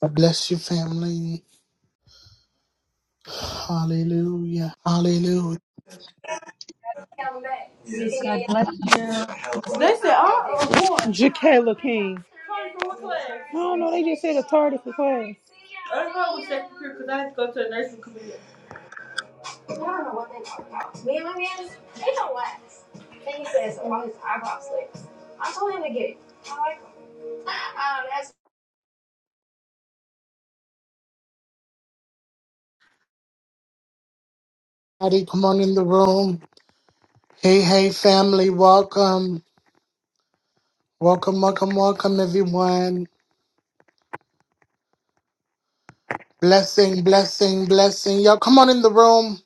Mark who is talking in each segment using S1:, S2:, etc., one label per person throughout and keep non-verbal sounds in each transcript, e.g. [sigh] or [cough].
S1: God bless you, family. Hallelujah. Hallelujah.
S2: God bless you.
S3: They said, I do want Jaquela King. I don't know. They just said a tardy for class.
S1: Howdy, come on in the room. Hey, hey, family. Welcome. Welcome, welcome, welcome, everyone. Blessing, blessing, blessing. Y'all come on in the room.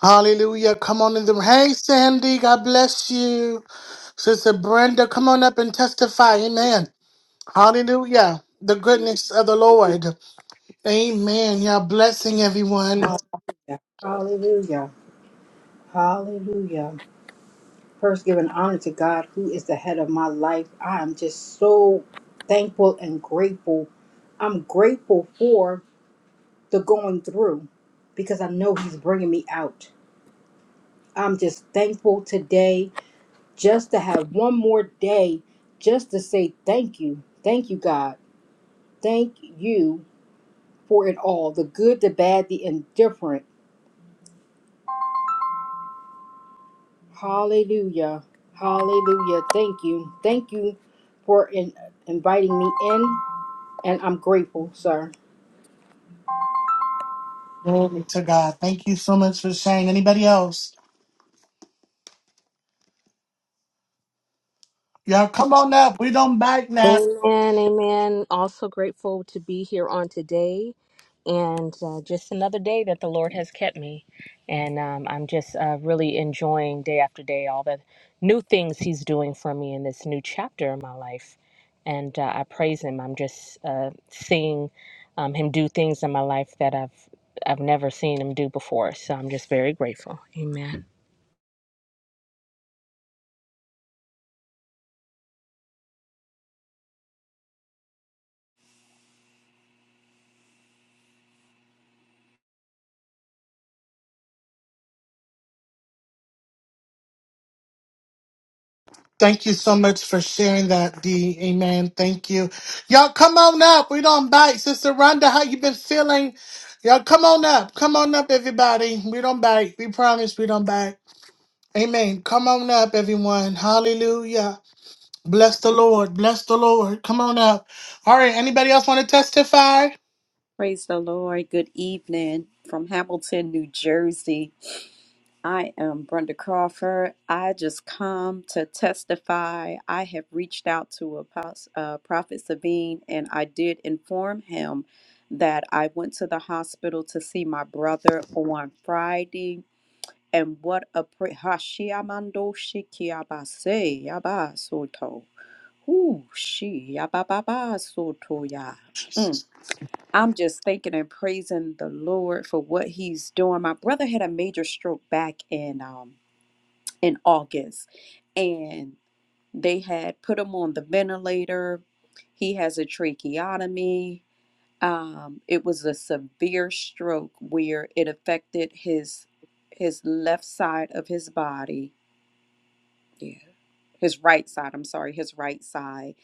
S1: Hallelujah. Come on in the room. Hey, Sandy. God bless you. Sister Brenda, come on up and testify. Amen. Hallelujah. The goodness of the Lord. Amen. Y'all blessing, everyone.
S4: Hallelujah. Hallelujah. Hallelujah. First, giving honor to God, who is the head of my life. I am just so thankful and grateful. I'm grateful for the going through because I know He's bringing me out. I'm just thankful today just to have one more day just to say thank you. Thank you, God. Thank you for it all the good, the bad, the indifferent. Hallelujah. Hallelujah. Thank you. Thank you for in, inviting me in, and I'm grateful, sir.
S1: Glory to God. Thank you so much for sharing. Anybody else? Y'all come on up. We don't back now.
S2: Amen, amen. Also grateful to be here on today and uh, just another day that the Lord has kept me. And um, I'm just uh, really enjoying day after day all the new things He's doing for me in this new chapter in my life. And uh, I praise Him. I'm just uh, seeing um, Him do things in my life that I've I've never seen Him do before. So I'm just very grateful. Amen.
S1: Thank you so much for sharing that, D. Amen. Thank you. Y'all come on up. We don't bite. Sister Rhonda, how you been feeling? Y'all come on up. Come on up, everybody. We don't bite. We promise we don't bite. Amen. Come on up, everyone. Hallelujah. Bless the Lord. Bless the Lord. Come on up. All right. Anybody else want to testify?
S5: Praise the Lord. Good evening from Hamilton, New Jersey. I am Brenda Crawford. I just come to testify. I have reached out to Apostle, uh, Prophet Sabine and I did inform him that I went to the hospital to see my brother on Friday. And what a prayer. Hashiamando shikiabase yabasoto. Ooh, she yabababasoto ya. I'm just thanking and praising the Lord for what He's doing. My brother had a major stroke back in um, in August, and they had put him on the ventilator. He has a tracheotomy. Um, it was a severe stroke where it affected his his left side of his body yeah, his right side, I'm sorry, his right side.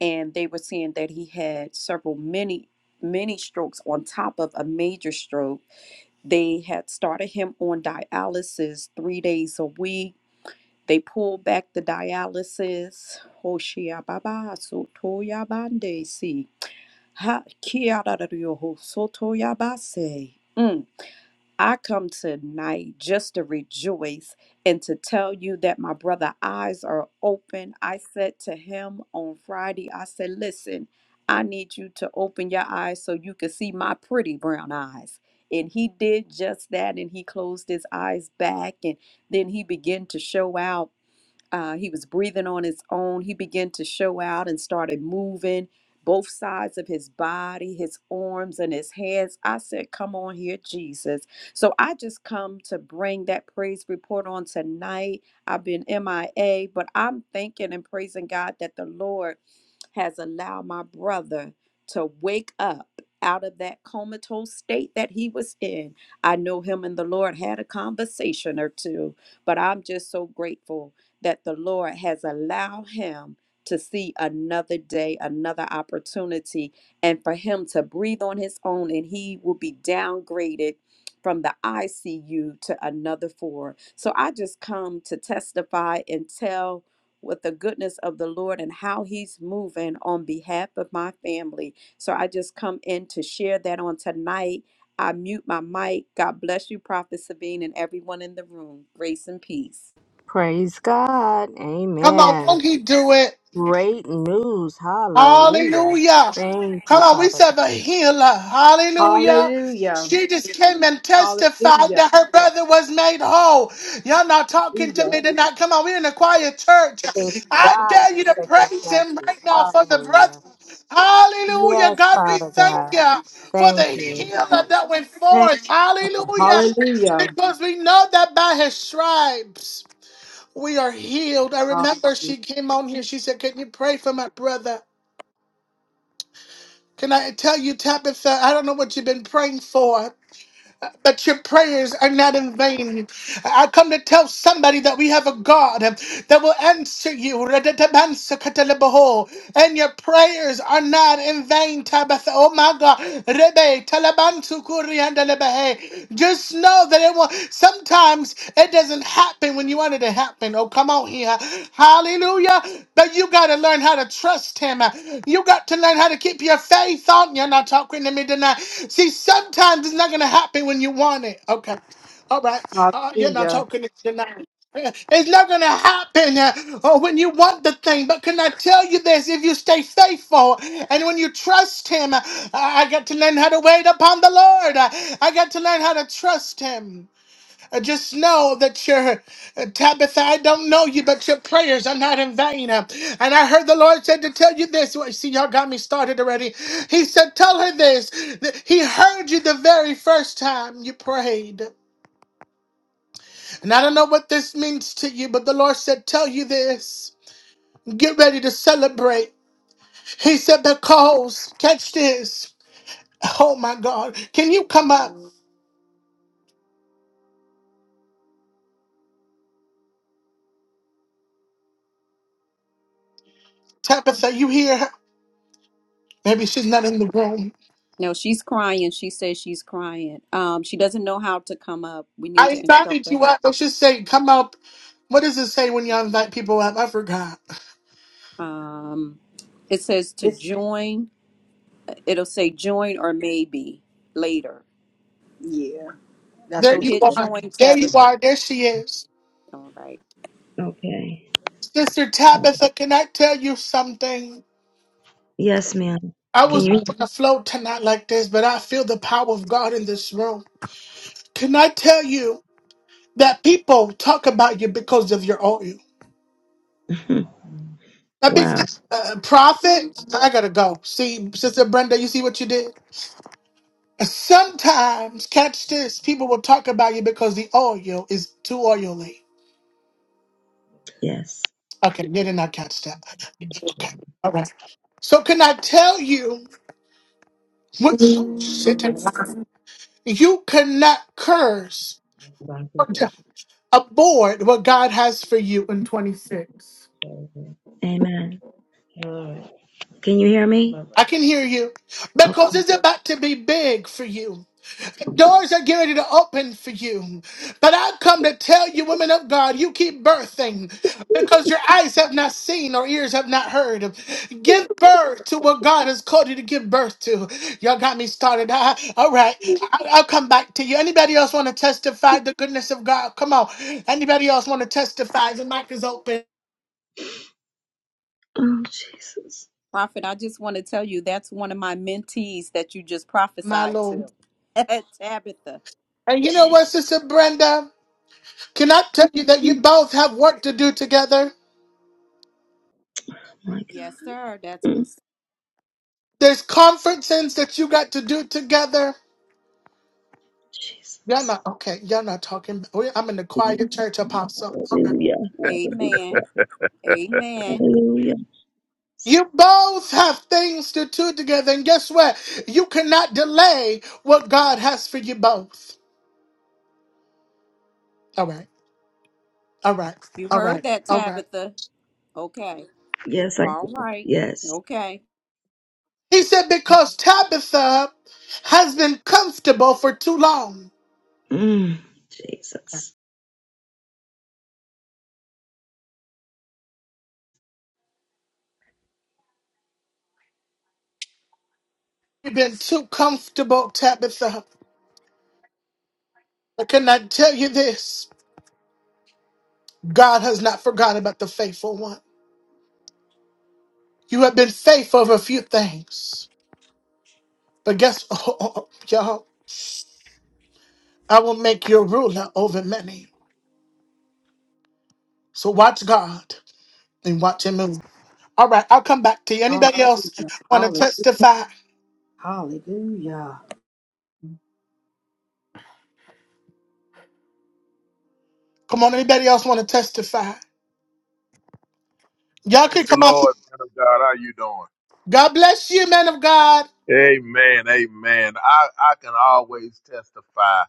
S5: And they were saying that he had several many, many strokes on top of a major stroke. They had started him on dialysis three days a week. They pulled back the dialysis. Hoshia baba sotoya bande si. Ha kia da da rioho sotoya base. I come tonight just to rejoice and to tell you that my brother eyes are open. I said to him on Friday, I said, listen, I need you to open your eyes so you can see my pretty brown eyes. And he did just that and he closed his eyes back and then he began to show out. Uh, he was breathing on his own. He began to show out and started moving both sides of his body, his arms and his hands. I said, Come on here, Jesus. So I just come to bring that praise report on tonight. I've been MIA, but I'm thanking and praising God that the Lord has allowed my brother to wake up out of that comatose state that he was in. I know him and the Lord had a conversation or two, but I'm just so grateful that the Lord has allowed him to see another day, another opportunity, and for him to breathe on his own, and he will be downgraded. From the ICU to another floor. So I just come to testify and tell with the goodness of the Lord and how He's moving on behalf of my family. So I just come in to share that on tonight. I mute my mic. God bless you, Prophet Sabine, and everyone in the room. Grace and peace.
S2: Praise God.
S1: Come on.
S2: Amen.
S1: Won't he do it?
S2: Great news. Hallelujah.
S1: Hallelujah.
S2: Thank you,
S1: Come on, we
S2: Father God.
S1: serve a healer. Hallelujah.
S4: Hallelujah.
S1: She just came and testified
S4: Hallelujah.
S1: that her brother was made whole. Y'all not talking to
S4: Hallelujah.
S1: me tonight. Come on, we're in a quiet church.
S2: Thank you,
S1: I
S2: God,
S1: dare
S2: for
S1: you to
S2: second
S1: praise him
S2: chances.
S1: right now for the brother.
S2: Hallelujah.
S1: Hallelujah.
S2: Yes,
S1: God, we
S2: Father
S1: thank
S2: God.
S1: you for the
S2: Thank you.
S1: healer that went forth. Hallelujah.
S4: Hallelujah.
S1: Because we know that by his stripes we are healed. I remember she came on here. She said, Can you pray for my brother? Can I tell you, Tabitha, I don't know what you've been praying for, but your prayers are not in vain. I come to tell somebody that we have a God that will answer you. Redetabansakatalabaho. And your prayers are not in vain, Tabitha. Oh my God. Rebe, talabantukuriandalabahe. Just know that it will. Sometimes it doesn't happen when you want it to happen. Oh, come on here. Hallelujah. But you got to learn how to trust Him. You got to learn how to keep your faith on. You're not talking to me tonight. See, sometimes it's not going to happen when you want it. Okay. All right. Uh, you're not
S4: Hallelujah.
S1: talking to me tonight. It's not going to happen uh, or when you want the thing. But can I tell you this? If you stay faithful and when you trust Him, uh, I got to learn how to wait upon the Lord. Uh, I got to learn how to trust Him. Uh, Just know that your uh, Tabitha, I don't know you, but your prayers are not in vain. Uh, And I heard the Lord said to tell you this. Well, see, y'all got me started already. He said, Tell her this. that He heard you the very first time you prayed. And I don't know what this means to you, but the Lord said, Tell you this. Get ready to celebrate. He said, Because, catch this. Oh my God. Can you come up? Tabitha, you here? Maybe she's not in the room.
S5: No, she's crying. She says she's crying. Um, she doesn't know how to come up. We need
S1: I
S5: to instruct
S1: invited
S5: her
S1: you
S5: how.
S1: up. I should say, come up. What does it say when you invite people up? I forgot.
S5: Um, it says to
S4: This,
S5: join. It'll say join or maybe later.
S4: yeah, that's
S1: There
S5: So
S4: what it
S1: you
S5: hit
S4: says.
S1: are.
S5: join,
S1: There you
S6: Mm-hmm.
S5: Tabitha.
S1: are. There she is.
S5: All right.
S6: Okay.
S1: Sister Tabitha, can I tell you something?
S6: Yes, ma'am.
S1: I
S6: Can
S1: was
S6: you?
S1: not going to float tonight like this, but I feel the power of God in this room. Can I tell you that people talk about you because of your oil?
S6: [laughs]
S1: That big
S6: Wow.
S1: uh, prophet, I gotta go. See, Sister Brenda, you see what you did? Sometimes, catch this, people will talk about you because the oil is too oily.
S6: Yes.
S1: Okay, they did not catch that. Okay, all right. So can I tell you what shit it is? you cannot curse or to abort what God has for you in 26.
S6: Amen. Can you hear me?
S1: I can hear you
S6: Oh,
S1: because it's about to be big for you. Doors are getting ready to open for you. But I've come to tell you, women of God, you keep birthing because your eyes have not seen or ears have not heard. Give birth to what God has called you to give birth to. Y'all got me started. [laughs] I- all right. I, I'll come back to you. Anybody else want to testify the goodness of God? Come on. Anybody else want to testify? The mic is open,
S6: oh Jesus.
S5: Prophet, I just want to tell you that's one of my mentees that you just
S1: my
S5: prophesied to.
S1: Lord.
S5: [laughs] Tabitha.
S1: And you know what,
S6: Jesus.
S1: Sister Brenda? Can I tell you that
S6: Oh,
S1: you both have work to do together?
S6: my
S5: Yes,
S6: God.
S5: sir. That's
S6: Mm,
S1: There's conferences that you got to do together. Y'all
S6: Jesus.
S1: not okay. Y'all not talking. we- I'm in the quiet church apostle. Okay.
S6: Hallelujah. Hallelujah.
S5: amen. Amen.
S6: Hallelujah.
S1: You both have things to do together, and guess what? You cannot delay what God has for you both. All right. All right.
S5: You
S1: All
S5: heard
S1: right.
S5: that,
S1: All right.
S5: Tabitha. Okay.
S6: Yes, I
S5: All
S6: do.
S5: right.
S6: Yes.
S5: Okay.
S1: He said because Tabitha has been comfortable for too long.
S6: Mm, Jesus.
S1: You've been too comfortable, Tabitha. But can I tell you this? God has not forgotten about the faithful one. You have been faithful over a few things, but guess, [laughs] oh, y'all, I will make you a ruler over many. So watch God and watch Him move. All right, I'll come back to you. Anybody else
S4: Hallelujah.
S1: want to
S4: Hallelujah.
S1: testify?
S4: Hallelujah.
S1: Come on, anybody else want to testify? Y'all can
S7: Praise the
S1: come up.
S7: Lord, man of God. How you doing?
S1: God bless you, man of God.
S7: Amen. Amen. I, I can always testify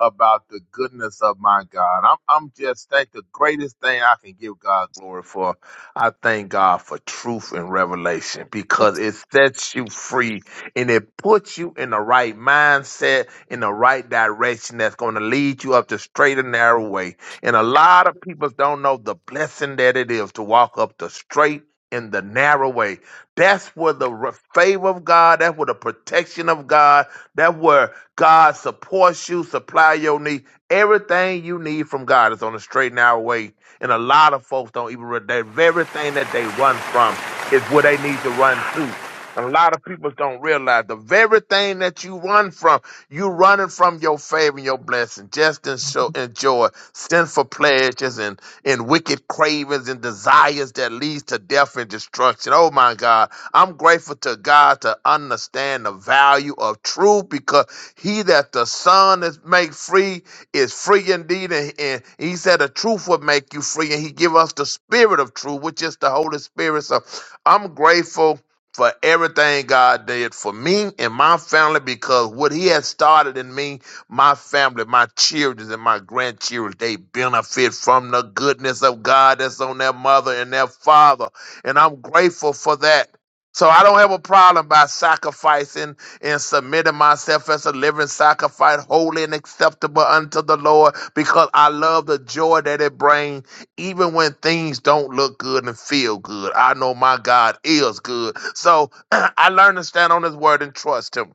S7: about the goodness of my God. I'm I'm just thank the greatest thing I can give God glory for. I thank God for truth and revelation because it sets you free and it puts you in the right mindset, in the right direction that's going to lead you up the straight and narrow way. And a lot of people don't know the blessing that it is to walk up the straight and the narrow way. That's where the re- favor of God, that's where the protection of God, that's where God supports you, supply your need. Everything you need from God is on a straight and narrow way. And a lot of folks don't even realize that very thing that they run from is where they need to run to. And A lot of people don't realize the very thing that you run from, you running from your favor and your blessing. Just enjoy, enjoy sinful pleasures and, and wicked cravings and desires that leads to death and destruction. Oh my God. I'm grateful to God to understand the value of truth because he that the Son is make free is free indeed. And, and he said the truth will make you free. And he give us the spirit of truth, which is the Holy Spirit. So I'm grateful for everything God did for me and my family because what he has started in me, my family, my children and my grandchildren, they benefit from the goodness of God that's on their mother and their father. And I'm grateful for that. So I don't have a problem by sacrificing and submitting myself as a living sacrifice, holy and acceptable unto the Lord, because I love the joy that it brings, even when things don't look good and feel good. I know my God is good. So [clears throat] I learned to stand on his word and trust him.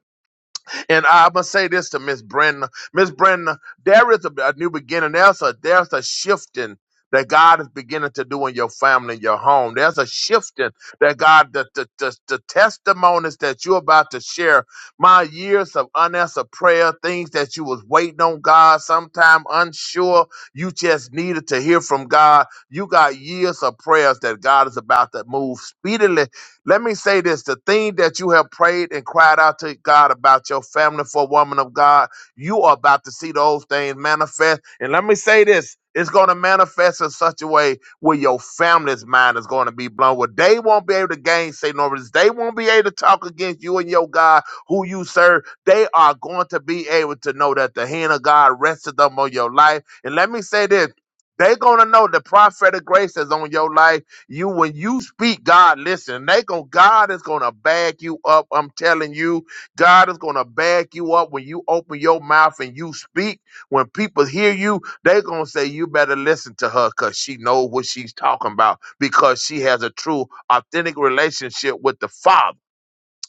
S7: And I must say this to Miss Brenda. Miss Brenda, there is a, a new beginning. There's a there's a shifting that God is beginning to do in your family, in your home. There's a shifting that God, the, the, the, the testimonies that you're about to share, my years of unanswered prayer, things that you was waiting on God, sometime unsure, you just needed to hear from God. You got years of prayers that God is about to move speedily let me say this the thing that you have prayed and cried out to God about your family for woman of God, you are about to see those things manifest. And let me say this it's going to manifest in such a way where your family's mind is going to be blown, where they won't be able to gainsay nor no, they won't be able to talk against you and your God, who you serve. They are going to be able to know that the hand of God rested them on your life. And let me say this. They're going to know the prophetic grace is on your life you when you speak, God listen. They go, God is gonna back you up. I'm telling you, God is gonna back you up when you open your mouth and you speak. When people hear you, they're gonna say, You better listen to her because she knows what she's talking about, because she has a true, authentic relationship with the Father.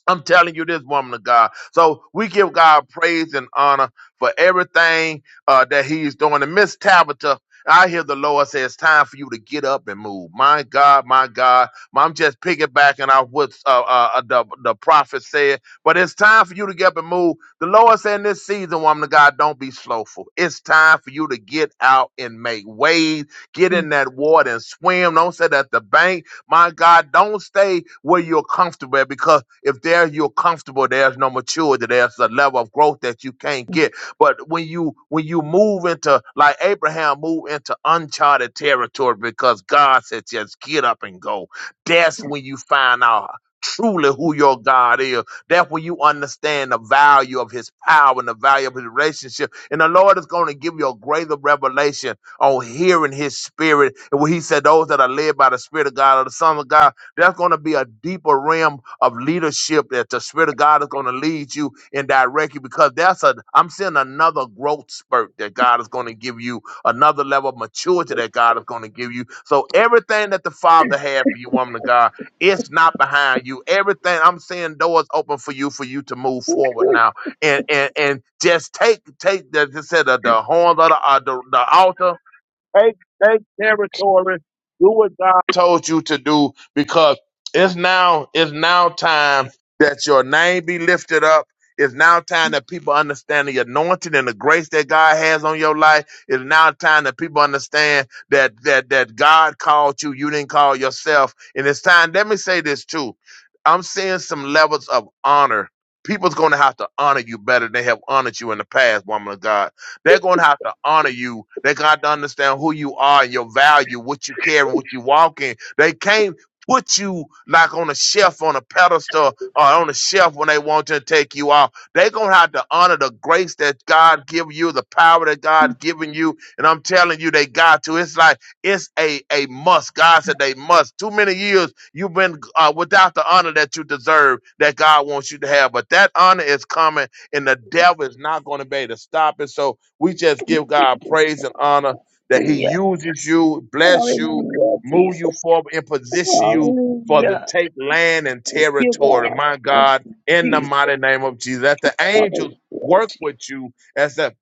S7: I'm telling you this, woman of God. So we give God praise and honor for everything uh, that He's doing. And Miss Tabitha, I hear the Lord say it's time for you to get up and move. My God, my God, I'm just piggybacking off what uh, uh, uh, the the prophet said. But it's time for you to get up and move. The Lord said in this season, woman of God, don't be slowful. It's time for you to get out and make waves, get in that water and swim. Don't sit at the bank. My God, don't stay where you're comfortable at because if there you're comfortable, there's no maturity. There's a level of growth that you can't get. But when you when you move into like Abraham moved into uncharted territory because God said just get up and go. That's when you find out truly who your God is. That's when you understand the value of his power and the value of his relationship. And the Lord is going to give you a greater revelation on hearing his spirit. And when he said those that are led by the spirit of God or the son of God, there's going to be a deeper realm of leadership that the spirit of God is going to lead you and direct you because that's a, I'm seeing another growth spurt that God is going to give you, another level of maturity that God is going to give you. So everything that the father had for you, woman of God, it's not behind you. Everything I'm seeing doors open for you, for you to move forward now and and and just take take the just said the, the horns of the, uh, the the altar Take take territory. Do what God told you to do because it's now it's now time that your name be lifted up. It's now time that people understand the anointing and the grace that God has on your life. It's now time that people understand that that that God called you. You didn't call yourself. And it's time. Let me say this too. I'm seeing some levels of honor. People's going to have to honor you better than they have honored you in the past, woman of God they're going to have to honor you. They got to understand who you are and your value, what you carry, what you walk in. They can't put you like on a shelf, on a pedestal, or on a shelf when they want to take you off. They're going to have to honor the grace that God give you, the power that God given you. And I'm telling you, they got to. It's like, it's a, a must. God said they must. Too many years you've been uh, without the honor that you deserve, that God wants you to have. But that honor is coming and the devil is not going to be able to stop it. So we just give God praise and honor that He
S6: Hallelujah.
S7: uses you, bless you,
S6: Hallelujah.
S7: move
S6: Jesus.
S7: you forward, and position you for the
S6: Hallelujah.
S7: take land and
S6: You
S7: territory.
S6: God.
S7: My
S6: Oh,
S7: God, in the
S6: Jesus.
S7: mighty name of Jesus, that the angels
S6: Hallelujah.
S7: work with you as the.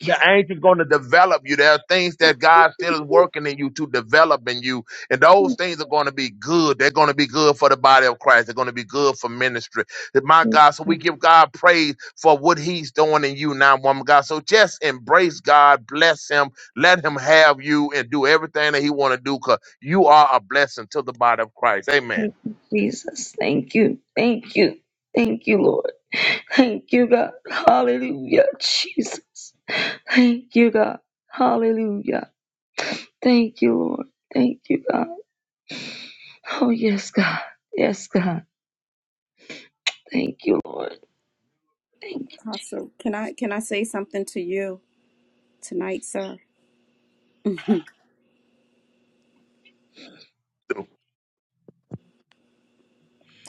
S7: The angel's going to develop you. There are things that God still is working in you to develop in you. And
S6: Thank
S7: those
S6: you,
S7: things are going to be good. They're going to be good for the body of Christ. They're going to be good for ministry. That My God,
S6: God.
S7: so we give God praise for what he's doing in you now, woman of God. So just embrace God, bless him, let him have you and do everything that he want to do because you are a blessing to the body of Christ. Amen.
S6: Thank you, Jesus. Thank you. Thank you. Thank you, Lord. Thank you, God. Hallelujah, Jesus. Thank you, God. Hallelujah. Thank you, Lord. Thank you, God. Oh, yes, God. Yes, God. Thank you, Lord. Thank you.
S5: Apostle, can I can I say something to you tonight, sir? [laughs]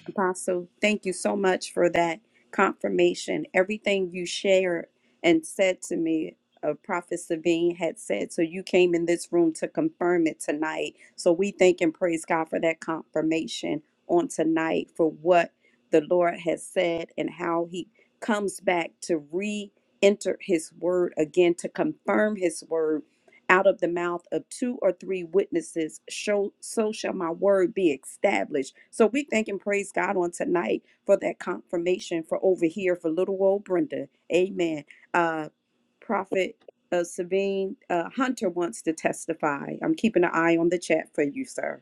S5: Apostle, thank you so much for that confirmation. Everything you shared and said to me, uh, Prophet Sabine had said. So you came in this room to confirm it tonight. So we thank and praise God for that confirmation on tonight for what the Lord has said and how He comes back to re enter His word again to confirm His word out of the mouth of two or three witnesses, show, so shall my word be established. So we thank and praise God on tonight for that confirmation for over here for little old Brenda. Amen. Uh, Prophet uh, Sabine uh, Hunter wants to testify. I'm keeping an eye on the chat for you, sir.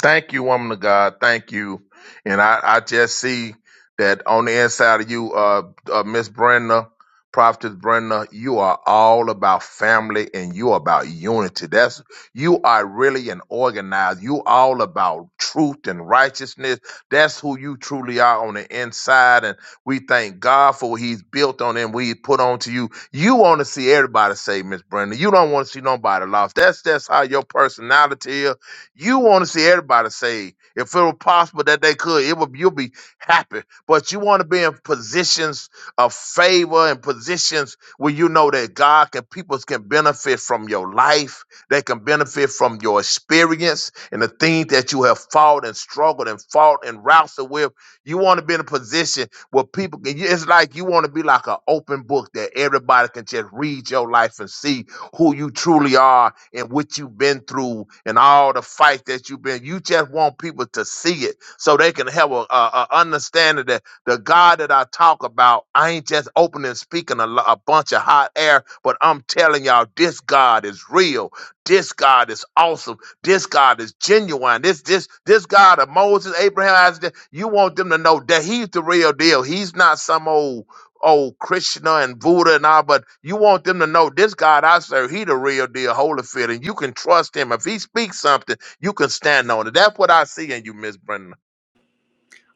S7: Thank you, woman of God. Thank you. And I, I just see that on the inside of you, uh, uh Miss Brenda, Prophetess Brenda, you are all about family and you are about unity. That's you are really an organizer. You all about truth and righteousness. That's who you truly are on the inside. And we thank God for what He's built on and we put onto you. You want to see everybody saved, Miss Brenda. You don't want to see nobody lost. That's that's how your personality is you want to see everybody saved. If it were possible that they could, it would you'll be happy. But you want to be in positions of favor and positions where you know that God can people can benefit from your life. They can benefit from your experience and the things that you have fought and struggled and fought and wrestled with. You want to be in a position where people can. It's like you want to be like an open book that everybody can just read your life and see who you truly are and what you've been through and all the fight that you've been. You just want people to see it so they can have a, a, a understanding that the God that I talk about, I ain't just opening and speaking a, lo- a bunch of hot air, but I'm telling y'all, this God is real. This God is awesome. This God is genuine. This this this God of Moses, Abraham, Isaac. You want them to know that He's the real deal. He's not some old oh Krishna and Buddha and all, but you want them to know this God I serve, he the real deal, holy fit, and you can trust him. If he speaks something, you can stand on it. That's what I see in you, Miss Brenda.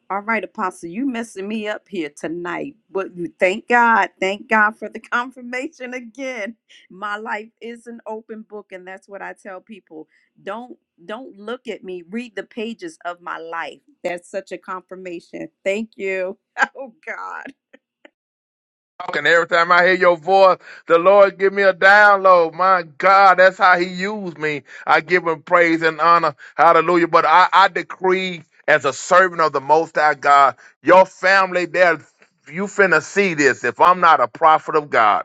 S5: All right, Apostle, you messing me up here tonight. But you- thank God, thank God for the [laughs] confirmation again. My life is an open book, and that's what I tell people. Don't don't look at me. Read the pages of my life. That's such a confirmation. Thank you. [laughs] Oh God,
S7: And Every time I hear your voice, the Lord give me a download. My God, that's how He used me. I give Him praise and honor. Hallelujah. But I, I decree as a servant of the Most High God, your family there, you finna see this. If I'm not a prophet of God,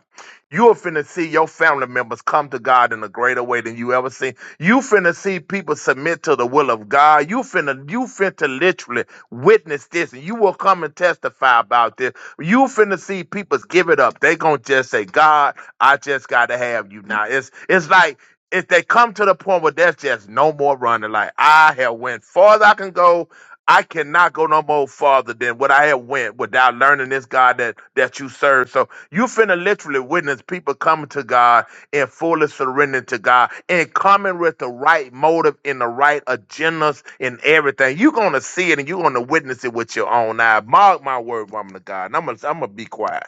S7: you are finna see your family members come to God in a greater way than you ever seen. You finna see people submit to the will of God. You finna, you finna literally witness this, and you will come and testify about this you finna see people give it up. They gonna just say, God, I just gotta have you now. It's it's like if they come to the point where there's just no more running, like I have went far as I can go. I cannot go no more farther than what I have went without learning this God that that you serve. So you finna literally witness people coming to God and fully surrender to God and coming with the right motive and the right agendas and everything, you're gonna see it and you're gonna witness it with your own eye. Mark my word, woman of God. And I'm gonna I'm gonna be quiet.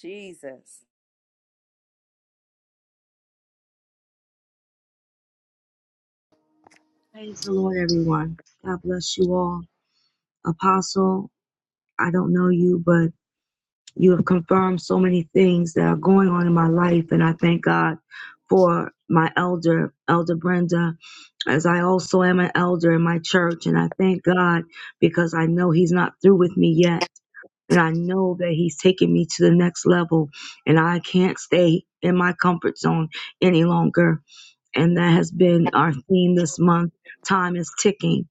S5: Jesus.
S6: Praise the Lord, everyone. God bless you all. Apostle, I don't know you, but. You have confirmed so many things that are going on in my life, and I thank God for my elder, Elder Brenda, as I also am an elder in my church, and I thank God because I know He's not through with me yet. And I know that he's taking me to the next level, and I can't stay in my comfort zone any longer. And that has been our theme this month. Time is ticking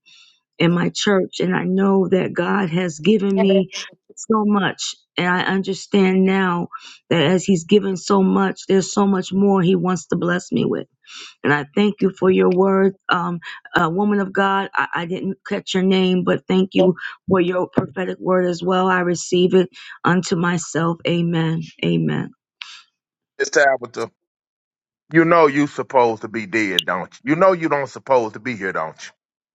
S6: in my church. And I know that God has given me so much. And I understand now that as He's given so much, there's so much more He wants to bless me with. And I thank you for your word, um, uh, woman of God. I, I didn't catch your name, but thank you for your prophetic word as well. I receive it unto myself. Amen. Amen.
S7: It's Tabitha. You know you supposed to be dead, don't you? You know you don't supposed to be here, don't you?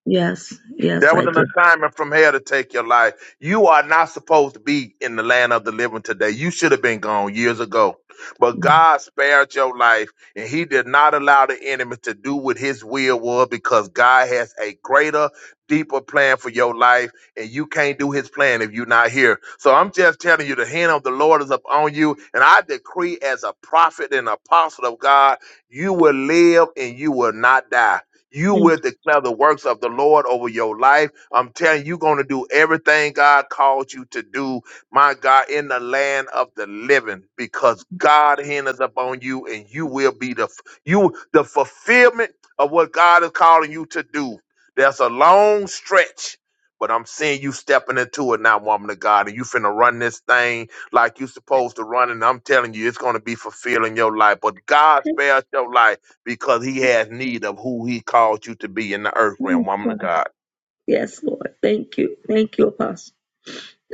S6: Yes.
S7: There
S6: Yes,
S7: was
S6: I
S7: an
S6: did.
S7: assignment from hell to take your life. You are not supposed to be in the land of the living today. You should have been gone years ago. But God spared your life and he did not allow the enemy to do what his will was because God has a greater, deeper plan for your life and you can't do his plan if you're not here. So I'm just telling you, the hand of the Lord is upon you. And I decree as a prophet and apostle of God, you will live and you will not die you will declare the works of the Lord over your life. I'm telling you, you're going to do everything God called you to do, my God, in the land of the living, because God hinders upon you and you will be the, f- you, the fulfillment of what God is calling you to do. That's a long stretch, but I'm seeing you stepping into it now, woman of God, and you finna run this thing like you supposed to run. And I'm telling you, it's gonna be fulfilling your life. But God spares your life because he has need of who he called you to be in the earth realm, woman of God.
S6: Yes, Lord. Thank you. Thank you, Apostle.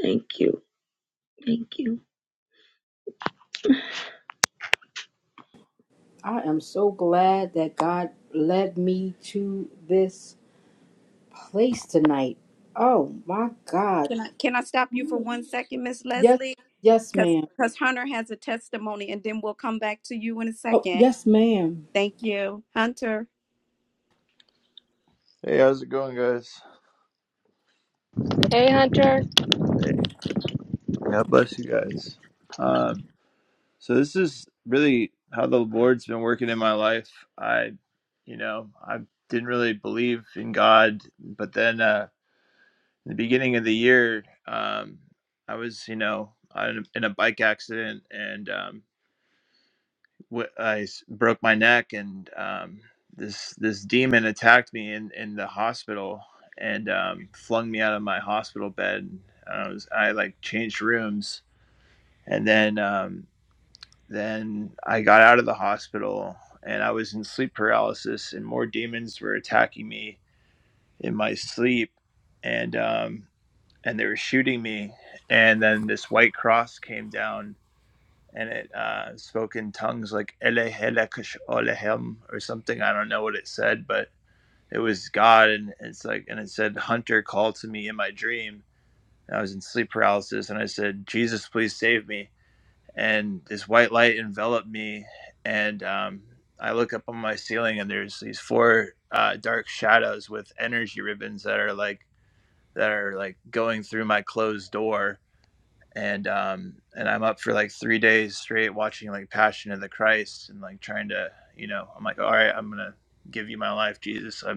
S6: Thank you. Thank you.
S4: I am so glad that God led me to this place tonight. Oh, my God.
S5: Can I can I stop you for one second, Miss
S4: Yes,
S5: Leslie?
S4: yes,
S5: Because
S4: ma'am.
S5: because Hunter has a testimony, and then we'll come back to you in a
S4: Oh,
S5: second.
S4: yes, ma'am.
S5: Thank you, Hunter.
S8: Hey, how's it going, guys?
S2: Hey, Hunter.
S8: Hey, God bless you guys. Um, so this is really how the Lord's been working in my life. I, you know, I didn't really believe in God, but then uh, in the beginning of the year, um, I was, you know, I- in a bike accident, and um, wh- broke my neck and um, this this demon attacked me in, in the hospital and
S9: hospital
S8: um, flung me out of my hospital bed. And I was I like changed rooms and then um, then I got out of the hospital and I was in sleep paralysis and more demons were attacking me in my sleep and um, and they were shooting me and then this white cross came down and it uh, spoke in tongues like Elehelekash Olehem or something. I don't know what it said, but it was God, and it's like, and it said, "Hunter called to me in my dream." And I was in sleep paralysis, and I said, "Jesus, please save me." And this white light enveloped me, and um, I look up on my ceiling, and there's these four uh, dark shadows with energy ribbons that are like that are like going through my closed door and um and i'm up for like three days straight watching like passion of the christ and like trying to you know i'm like all right i'm gonna give you my life jesus i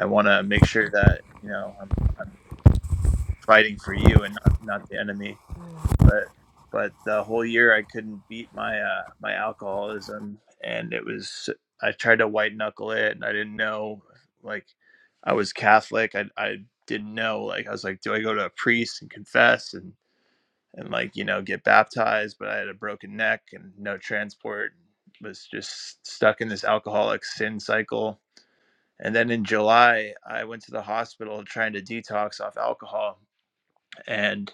S8: i want to make sure that you know i'm i'm fighting for you and not not the enemy but but the whole year i couldn't beat my uh my alcoholism and it was i tried to white knuckle it and i didn't know like i was catholic i i didn't know like i was like do i go to a priest and confess and and like you know get baptized but i had a broken neck and no transport was just stuck in this alcoholic sin cycle and then in july i went to the hospital trying to detox off alcohol and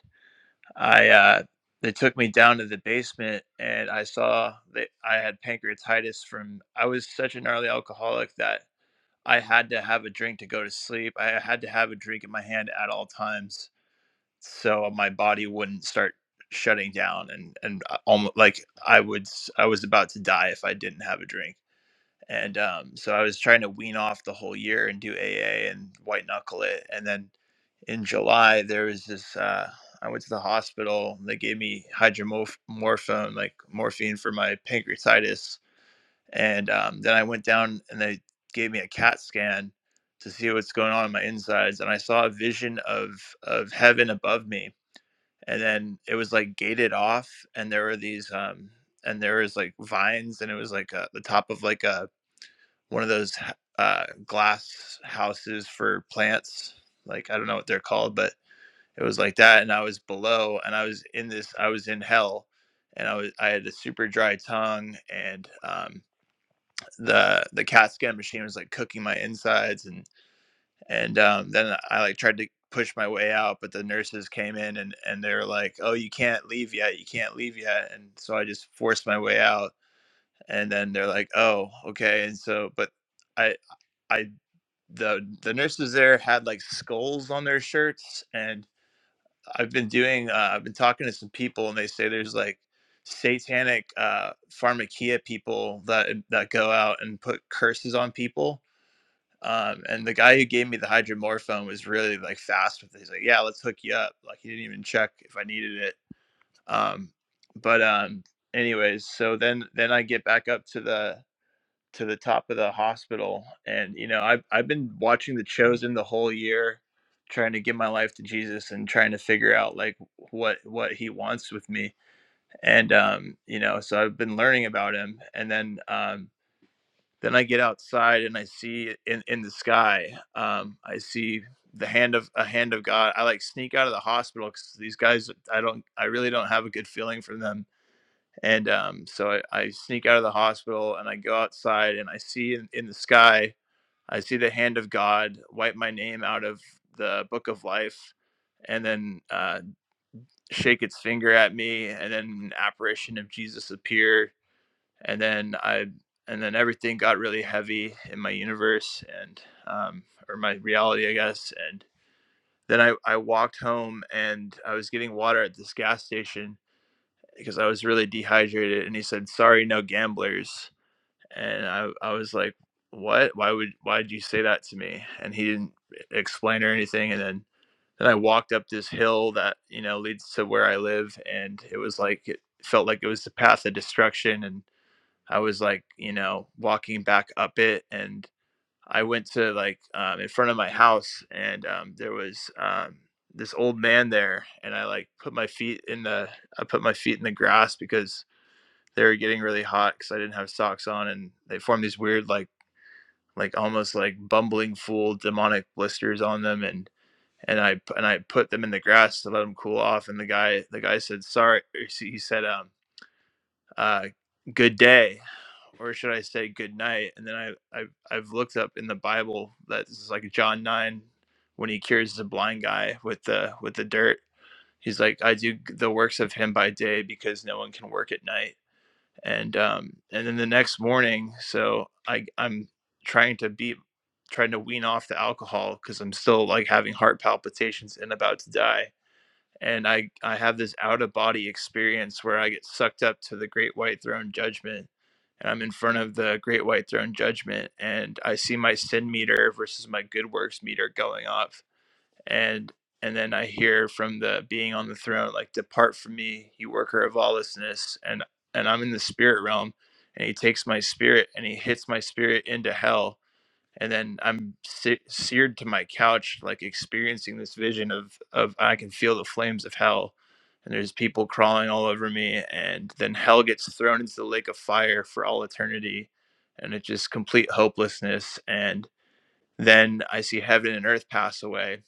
S8: i uh they took me down to the basement and i saw that i had pancreatitis from i was such a gnarly alcoholic that i had to have a drink to go to sleep i had to have a drink in my hand at all times so my body wouldn't start shutting down and and almost like I would s- I was about to die if I didn't have a drink. And um, so I was trying to wean off the whole year and do AA and white knuckle it. And then in July there was this uh, I went to the hospital. They gave me hydromorphone, like morphine for my pancreatitis. And um, then I went down and they gave me a CAT scan to see what's going on in my insides. And I saw a vision of of heaven above me and then it was like gated off and there were these um and there was like vines and it was like uh the top of like a one of those uh glass houses for plants like i don't know what they're called but it was like that and i was below and i was in this i was in hell and i was i had a super dry tongue and um the the cat scan machine was like cooking my insides and and um, then I like tried to push my way out, but the nurses came in and and they were like, "Oh, you can't leave yet. You can't leave yet." And so I just forced my way out, and then they're like, "Oh, okay." And so, but I I the the nurses there had like skulls on their shirts, and I've been doing uh, I've been talking to some people, and they say there's like satanic uh pharmakia people that that go out and put curses on people um, and the guy who gave me the hydromorphone was really like fast with it. He's like, "Yeah, let's hook you up." Like he didn't even check if I needed it. Um, but um, anyways, so then then I get back up to the to the top of the hospital, and you know I've I've been watching The Chosen the whole year, trying to give my life to Jesus and trying to figure out like what what He wants with me, and um, you know so I've been learning about Him, and then um, then I get outside and I see in in the sky. Um, I see the hand of a hand of God. I like sneak out of the hospital because these guys. I don't. I really don't have a good feeling for them. And um, so I, I sneak out of the hospital and I go outside and I see in, in the sky. I see the hand of God wipe my name out of the book of life, and then uh, shake its finger at me, and then an apparition of Jesus appear and then I and then everything got really heavy in my universe and um, or my reality, I guess. And then I I walked home and I was getting water at this gas station because I was really dehydrated. And he said, "Sorry, no gamblers." And I I was like, "What? Why would why did you say that to me?" And he didn't explain or anything. And then then I walked up this hill that you know leads to where I live, and it was like it felt like it was the path of destruction and I was like, you know, walking back up it, and I went to like um, in front of my house, and um, there was um, this old man there, and I like put my feet in the I put my feet in the grass because they were getting really hot because I didn't have socks on, and they formed these weird like like almost like bumbling fool demonic blisters on them, and and I and I put them in the grass to let them cool off, and the guy the guy said sorry, or he said um uh good day or should I say good night? And then I, I I've looked up in the Bible that this is like John nine, when he cures the blind guy with the with the dirt. He's like, I do the works of him by day because no one can work at night. And um and then the next morning, so I I'm trying to be trying to wean off the alcohol because I'm still like having heart palpitations and about to die and I I have this out of body experience where I get sucked up to the great white throne judgment and I'm in front of the great white throne judgment and I see my sin meter versus my good works meter going off and and then I hear from the being on the throne like depart from me you worker of lawlessness and and I'm in the spirit realm and he takes my spirit and he hits my spirit into hell and then I'm se- seared to my couch, like experiencing this vision of of I can feel the flames of hell, and there's people crawling all over me, and then hell gets thrown into the lake of fire for all eternity, and it's just complete hopelessness. And then I see heaven and earth pass away,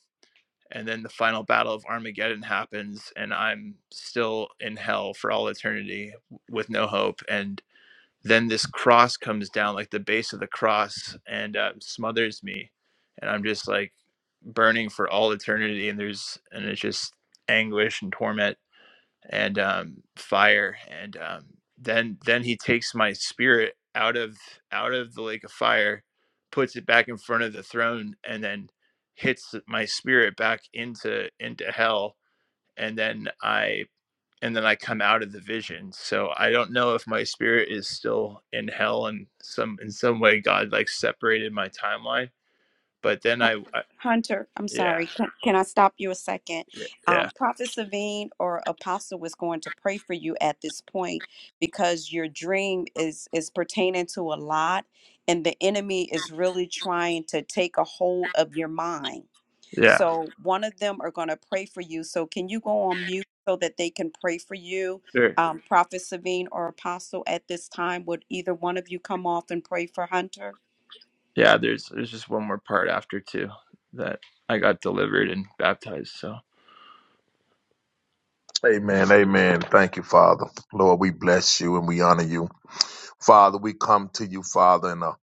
S8: and then the final battle of Armageddon happens, and I'm still in hell for all eternity with no hope. And then this cross comes down like the base of the cross and uh, smothers me and i'm just like burning for all eternity and there's and it's just anguish and torment and um, fire and um, then then he takes my spirit out of out of the lake of fire puts it back in front of the throne and then hits my spirit back into into hell and then i and then I come out of the vision. So I don't know if my spirit is still in hell and some in some way God like separated my timeline. But then I, I
S5: Hunter, I'm
S8: yeah,
S5: sorry. Can, can I stop you a second?
S8: yeah,
S5: Um, Prophet Savine or Apostle was going to pray for you at this point because your dream is is pertaining to a lot, and the enemy is really trying to take a hold of your mind.
S8: yeah,
S5: So one of them are going to pray for you. So can you go on mute so that they can pray for you,
S8: sure,
S5: um, Prophet Savine or Apostle? At this time, would either one of you come off and pray for Hunter?
S8: yeah. There's there's just one more part after too that I got delivered and baptized. So
S7: Amen. Amen. Thank you, Father. Lord, we bless you and we honor you. Father, we come to you, Father, in a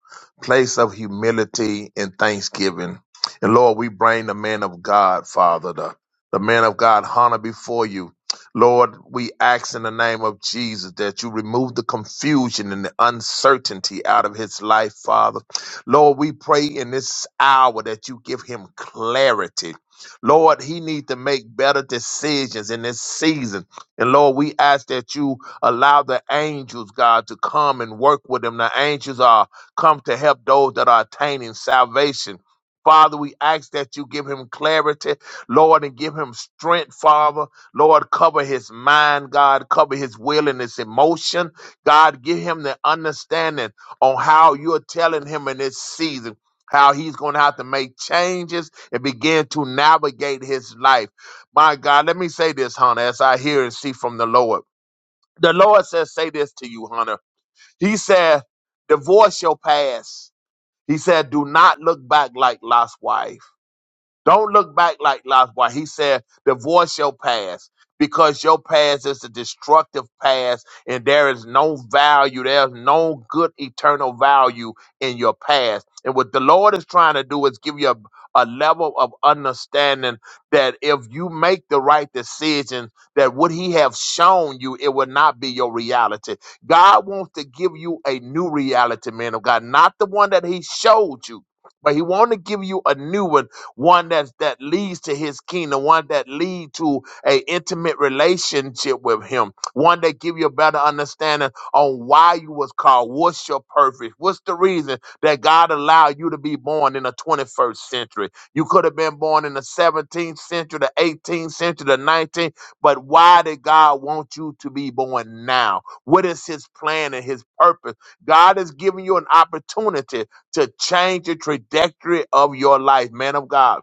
S7: place of humility and thanksgiving. And Lord, we bring the man of God, Father, the, the man of God, Hannah, before you. Lord, we ask in the name of Jesus that you remove the confusion and the uncertainty out of his life, Father. Lord, we pray in this hour that you give him clarity. Lord, he needs to make better decisions in this season. And Lord, we ask that you allow the angels, God, to come and work with him. The angels are come to help those that are attaining salvation. Father, we ask that you give him clarity, Lord, and give him strength, Father. Lord, cover his mind, God, cover his will and his emotion. God, give him the understanding on how you're telling him in this season how he's going to have to make changes and begin to navigate his life. My God, let me say this, Hunter, as I hear and see from the Lord. The Lord says, say this to you, Hunter. He said, divorce your past. He said, do not look back like Lot's wife. Don't look back like Lazarus. He said, divorce your past because your past is a destructive past and there is no value. There's no good eternal value in your past. And what the Lord is trying to do is give you a, a level of understanding that if you make the right decision, that what he have shown you, it will not be your reality. God wants to give you a new reality, man of God, not the one that he showed you, but he want to give you a new one one that that leads to his kingdom, one that lead to a intimate relationship with him, one that give you a better understanding on why you was called, what's your purpose, what's the reason that God allowed you to be born in the 21st century. You could have been born in the 17th century, the 18th century, the 19th, but why did God want you to be born now? What is his plan and his purpose? God is giving you an opportunity to change the trajectory of your life, man of God.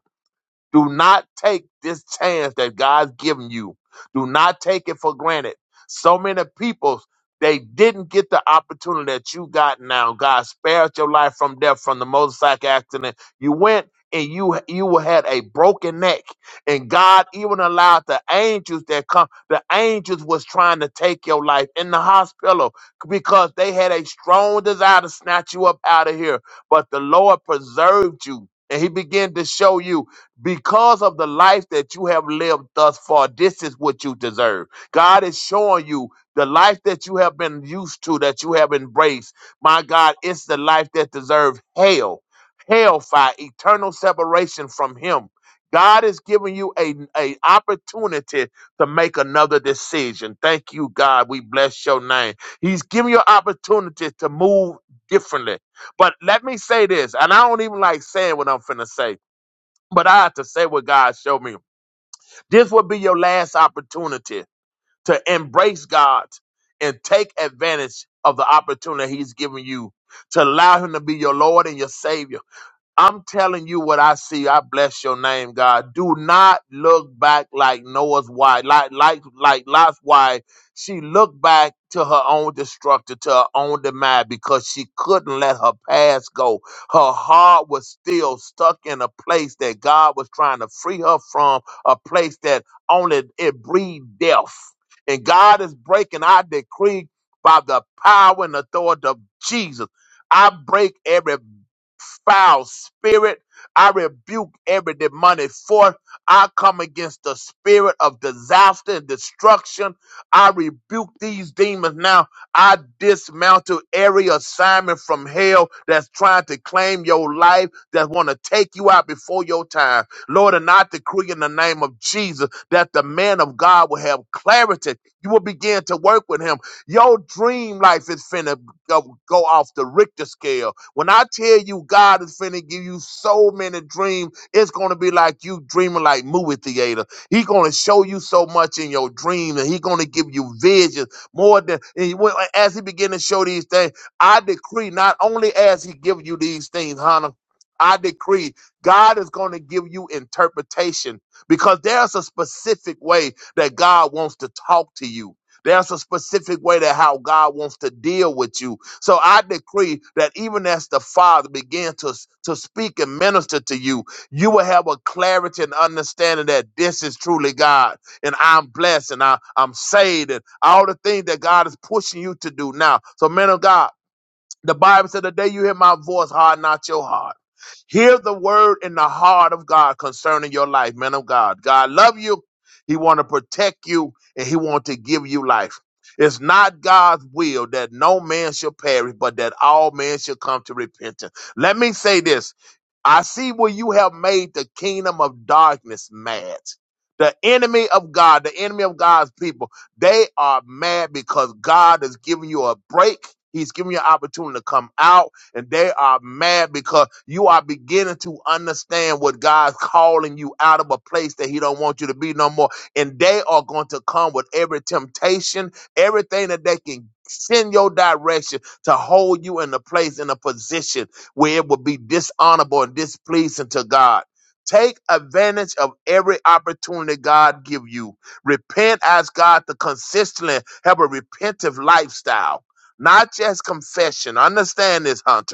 S7: Do not take this chance that God's given you. Do not take it for granted. So many people, they didn't get the opportunity that you got now. God spared your life from death from the motorcycle accident. You went and you you had a broken neck. And God even allowed the angels that come, the angels was trying to take your life in the hospital because they had a strong desire to snatch you up out of here. But the Lord preserved you. And he began to show you because of the life that you have lived thus far, this is what you deserve. God is showing you the life that you have been used to, that you have embraced. My God, it's the life that deserves hell, hellfire, eternal separation from Him. God is giving you a, a opportunity to make another decision. Thank you, God. We bless your name. He's giving you an opportunity to move differently. But let me say this, and I don't even like saying what I'm finna say but I have to say what God showed me. This will be your last opportunity to embrace God and take advantage of the opportunity He's given you to allow Him to be your Lord and your Savior. I'm telling you what I see. I bless your name, God. Do not look back like Noah's wife, like like like Lot's wife. She looked back to her own destruction, to her own demise, because she couldn't let her past go. Her heart was still stuck in a place that God was trying to free her from, a place that only it breed death. And God is breaking our decree by the power and authority of Jesus. I break every foul spirit. I rebuke every demonic force. I come against the spirit of disaster and destruction. I rebuke these demons now. I dismantle every assignment from hell that's trying to claim your life, that want to take you out before your time. Lord, and I decree in the name of Jesus that the man of God will have clarity. You will begin to work with him. Your dream life is finished go, go off the Richter scale. When I tell you God is finna give you so many dreams, it's gonna be like you dreaming like movie theater. He gonna show you so much in your dream, and he gonna give you visions more than. And you- when- as he begin to show these things, I decree not only as he give you these things, Hannah, I decree God is going to give you interpretation because there's a specific way that God wants to talk to you. There's a specific way that how God wants to deal with you so I decree that even as the Father began to, to speak and minister to you, you will have a clarity and understanding that this is truly God and I'm blessed and I, I'm saved and all the things that God is pushing you to do now. So, men of God, the Bible said, The day you hear my voice, harden not your heart. Hear the word in the heart of God concerning your life, men of God. God love you. He want to protect you and he want to give you life. It's not God's will that no man should perish, but that all men should come to repentance. Let me say this. I see where you have made the kingdom of darkness mad. The enemy of God, the enemy of God's people, they are mad because God has given you a break. He's giving you an opportunity to come out and they are mad because you are beginning to understand what God's calling you out of a place that He don't want you to be no more. And they are going to come with every temptation, everything that they can send your direction to hold you in a place in a position where it will be dishonorable and displeasing to God. Take advantage of every opportunity God give you. Repent, ask God to consistently have a repentive lifestyle not just confession. Understand this, Hunter.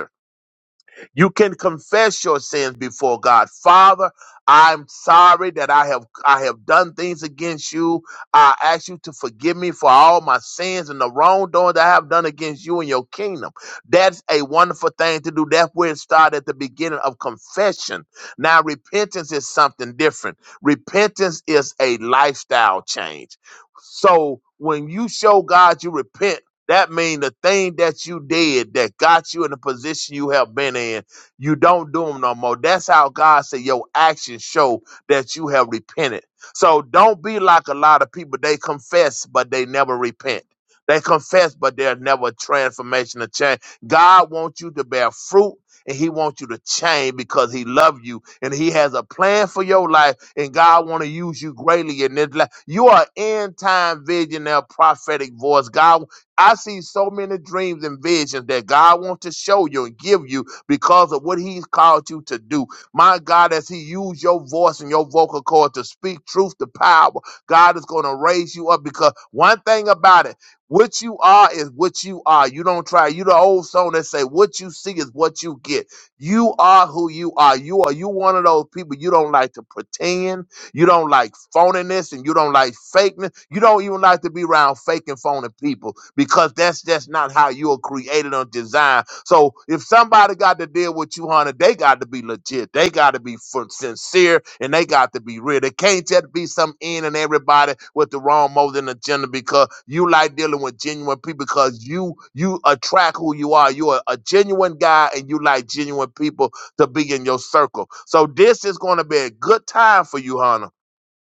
S7: You can confess your sins before God. Father, I'm sorry that I have I have done things against you. I ask you to forgive me for all my sins and the wrongdoing that I have done against you and your kingdom. That's a wonderful thing to do. That's where it started at the beginning of confession. Now repentance is something different. Repentance is a lifestyle change. So when you show God you repent, that means the thing that you did that got you in the position you have been in you don't do them no more. That's how God said your actions show that you have repented. So don't be like a lot of people. They confess, but they never repent. They confess, but there's never transformation or change. God wants you to bear fruit and he wants you to change because he loves you and he has a plan for your life and God want to use you greatly in this life. You are end time visionary prophetic voice. God, I see so many dreams and visions that God wants to show you and give you because of what he's called you to do. My God, as he used your voice and your vocal cord to speak truth to power, God is going to raise you up because one thing about it, what you are is what you are. You don't try. You the old song that say, what you see is what you get. You are who you are. You are you one of those people you don't like to pretend. You don't like phoniness and you don't like fakeness. You don't even like to be around fake and phony people because that's just not how you are created or designed. So if somebody got to deal with you, honey, they got to be legit. They got to be fun- sincere and they got to be real. They can't just be some in and everybody with the wrong motive and agenda because you like dealing with genuine people because you you attract who you are. You're a genuine guy and you like genuine people to be in your circle. So this is going to be a good time for you, Hannah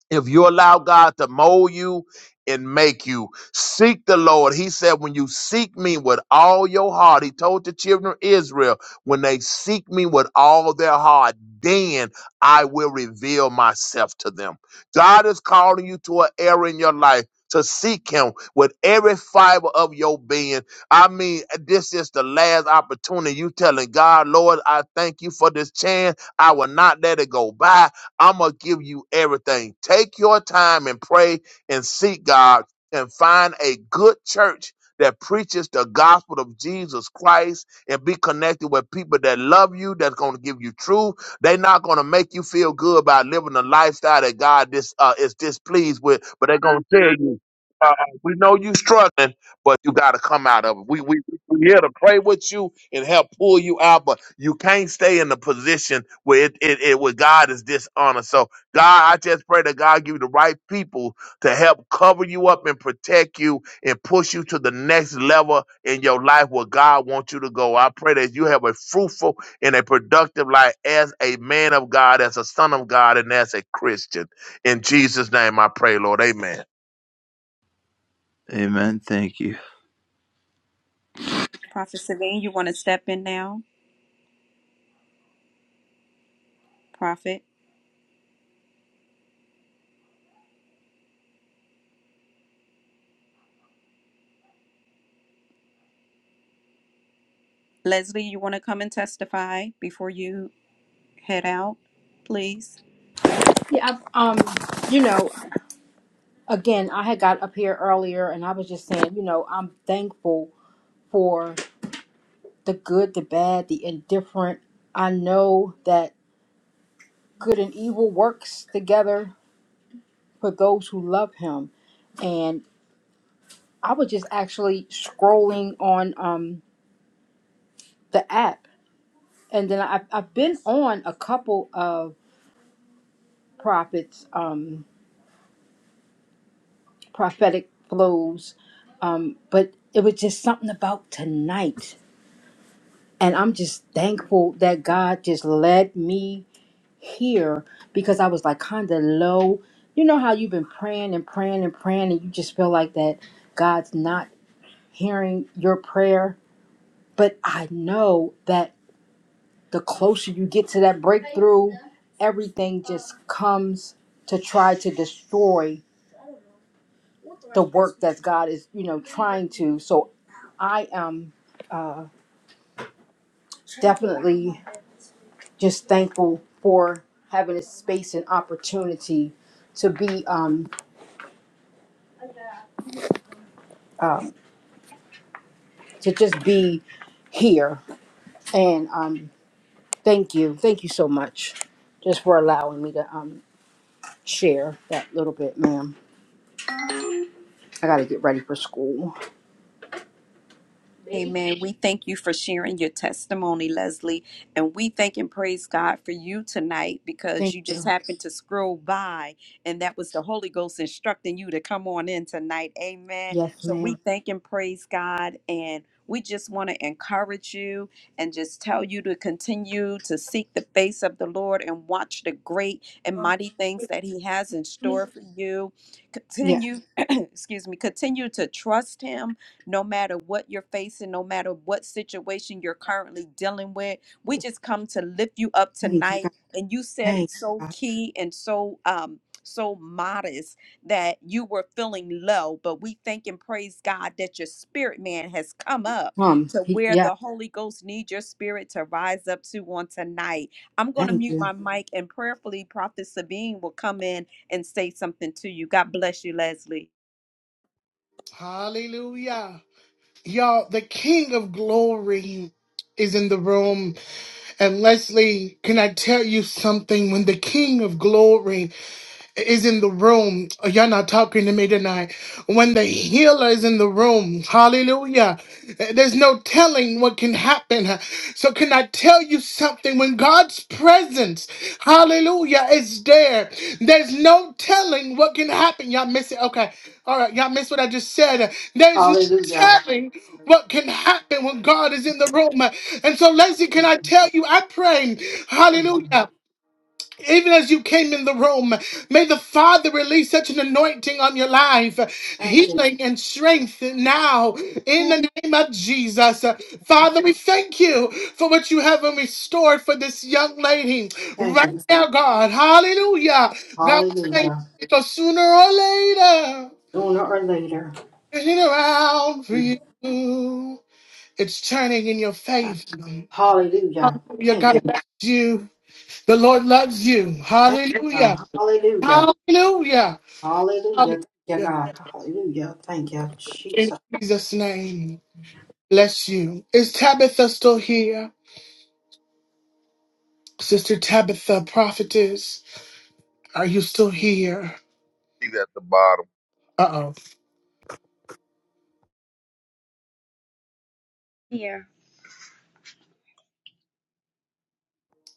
S7: if you allow God to mold you and make you seek the Lord, He said, When you seek me with all your heart, He told the children of Israel, When they seek me with all their heart, then I will reveal myself to them. God is calling you to an era in your life. To seek him with every fiber of your being. I mean, this is the last opportunity. You telling God, Lord, I thank you for this chance. I will not let it go by. I'm going to give you everything. Take your time and pray and seek God and find a good church that preaches the gospel of Jesus Christ and be connected with people that love you, that's going to give you truth. They're not going to make you feel good about living a lifestyle that God dis, uh, is displeased with, but they're going to tell you, uh, we know you struggling, but you got to come out of it. We we. We're here to pray with you and help pull you out, but you can't stay in the position where it, it, it where God is dishonored. So God, I just pray that God give you the right people to help cover you up and protect you and push you to the next level in your life where God wants you to go. I pray that you have a fruitful and a productive life as a man of God, as a son of God, and as a Christian. In Jesus' name I pray, Lord. Amen.
S8: amen. Thank you.
S5: Prophet Savine, you want to step in now, Prophet? Leslie, you want to come and testify before you head out, please?
S4: Yeah, I, um, you know, again, I had got up here earlier and I was just saying, you know, I'm thankful for the good, the bad, the indifferent. I know that good and evil works together for those who love him. And I was just actually scrolling on um the app and then I have I've been on a couple of prophets Um. prophetic flows. Um, but it was just something about tonight. And I'm just thankful that God just led me here because I was like kind of low. You know how you've been praying and praying and praying, and you just feel like that God's not hearing your prayer. But I know that the closer you get to that breakthrough, everything just comes to try to destroy the work that God is, you know, trying to. So I am uh, definitely just thankful for having a space and opportunity to be um, um to just be here and um thank you thank you so much just for allowing me to um share that little bit ma'am i gotta get ready for school
S5: Amen. We thank you for sharing your testimony, Leslie. And we thank and praise God for you tonight because
S4: thank
S5: you just
S4: you
S5: happened to scroll by and that was the Holy Ghost instructing you to come on in tonight. Amen.
S4: yes
S5: So we
S4: ma'am
S5: thank and praise God. And we just want to encourage you and just tell you to continue to seek the face of the Lord and watch the great and mighty things that He has in store for you.
S4: yeah
S5: Continue, [clears throat] excuse me, continue to trust Him no matter what you're facing, no matter what situation you're currently dealing with. We just come to lift you up
S4: thank you god
S5: tonight. And you said it
S4: thank you
S5: so
S4: god
S5: key and so um so modest that you were feeling low, but we thank and praise God that your spirit man has come up
S4: um
S5: to
S4: he,
S5: where
S4: yeah
S5: the Holy Ghost needs your spirit to rise up to on tonight. I'm going to
S4: thank
S5: mute
S4: you
S5: my mic and prayerfully, Prophet Sabine will come in and say something to you. God bless you, Leslie.
S1: Hallelujah. Y'all, the King of Glory is in the room. And Leslie, can I tell you something? When the King of Glory is in the room. You're not talking to me tonight. When the healer is in the room, hallelujah. There's no telling what can happen. So, can I tell you something? When God's presence, hallelujah, is there, there's no telling what can happen. Y'all miss it? Okay. All right. Y'all miss what I just said. There's no
S4: hallelujah
S1: telling what can happen when God is in the room. And so, Lacey, can I tell you, I pray, hallelujah. Even as you came in the room, may the Father release such an anointing on your life,
S4: thank
S1: healing and strength now in
S4: you
S1: the name of Jesus. Father, we thank you for what you have restored for this young lady
S4: thank you
S1: right now, God. Hallelujah. God, we thank you
S4: Hallelujah.
S1: because sooner or later,
S4: Sooner or later.
S1: turning around for
S4: Mm.
S1: you, it's turning in your favor.
S4: Hallelujah.
S1: Hallelujah.
S4: Thank
S1: God
S4: you.
S1: loves you. The Lord loves you.
S4: Thank you,
S1: Hallelujah.
S4: God. Hallelujah.
S1: Hallelujah.
S4: Hallelujah. Thank you,
S1: Hallelujah.
S4: God. Hallelujah. Thank you, Jesus.
S1: In Jesus' name. Bless you. Is Tabitha still here? Sister Tabitha, prophetess, are you still here?
S7: He's at the bottom.
S1: Uh oh.
S6: Here.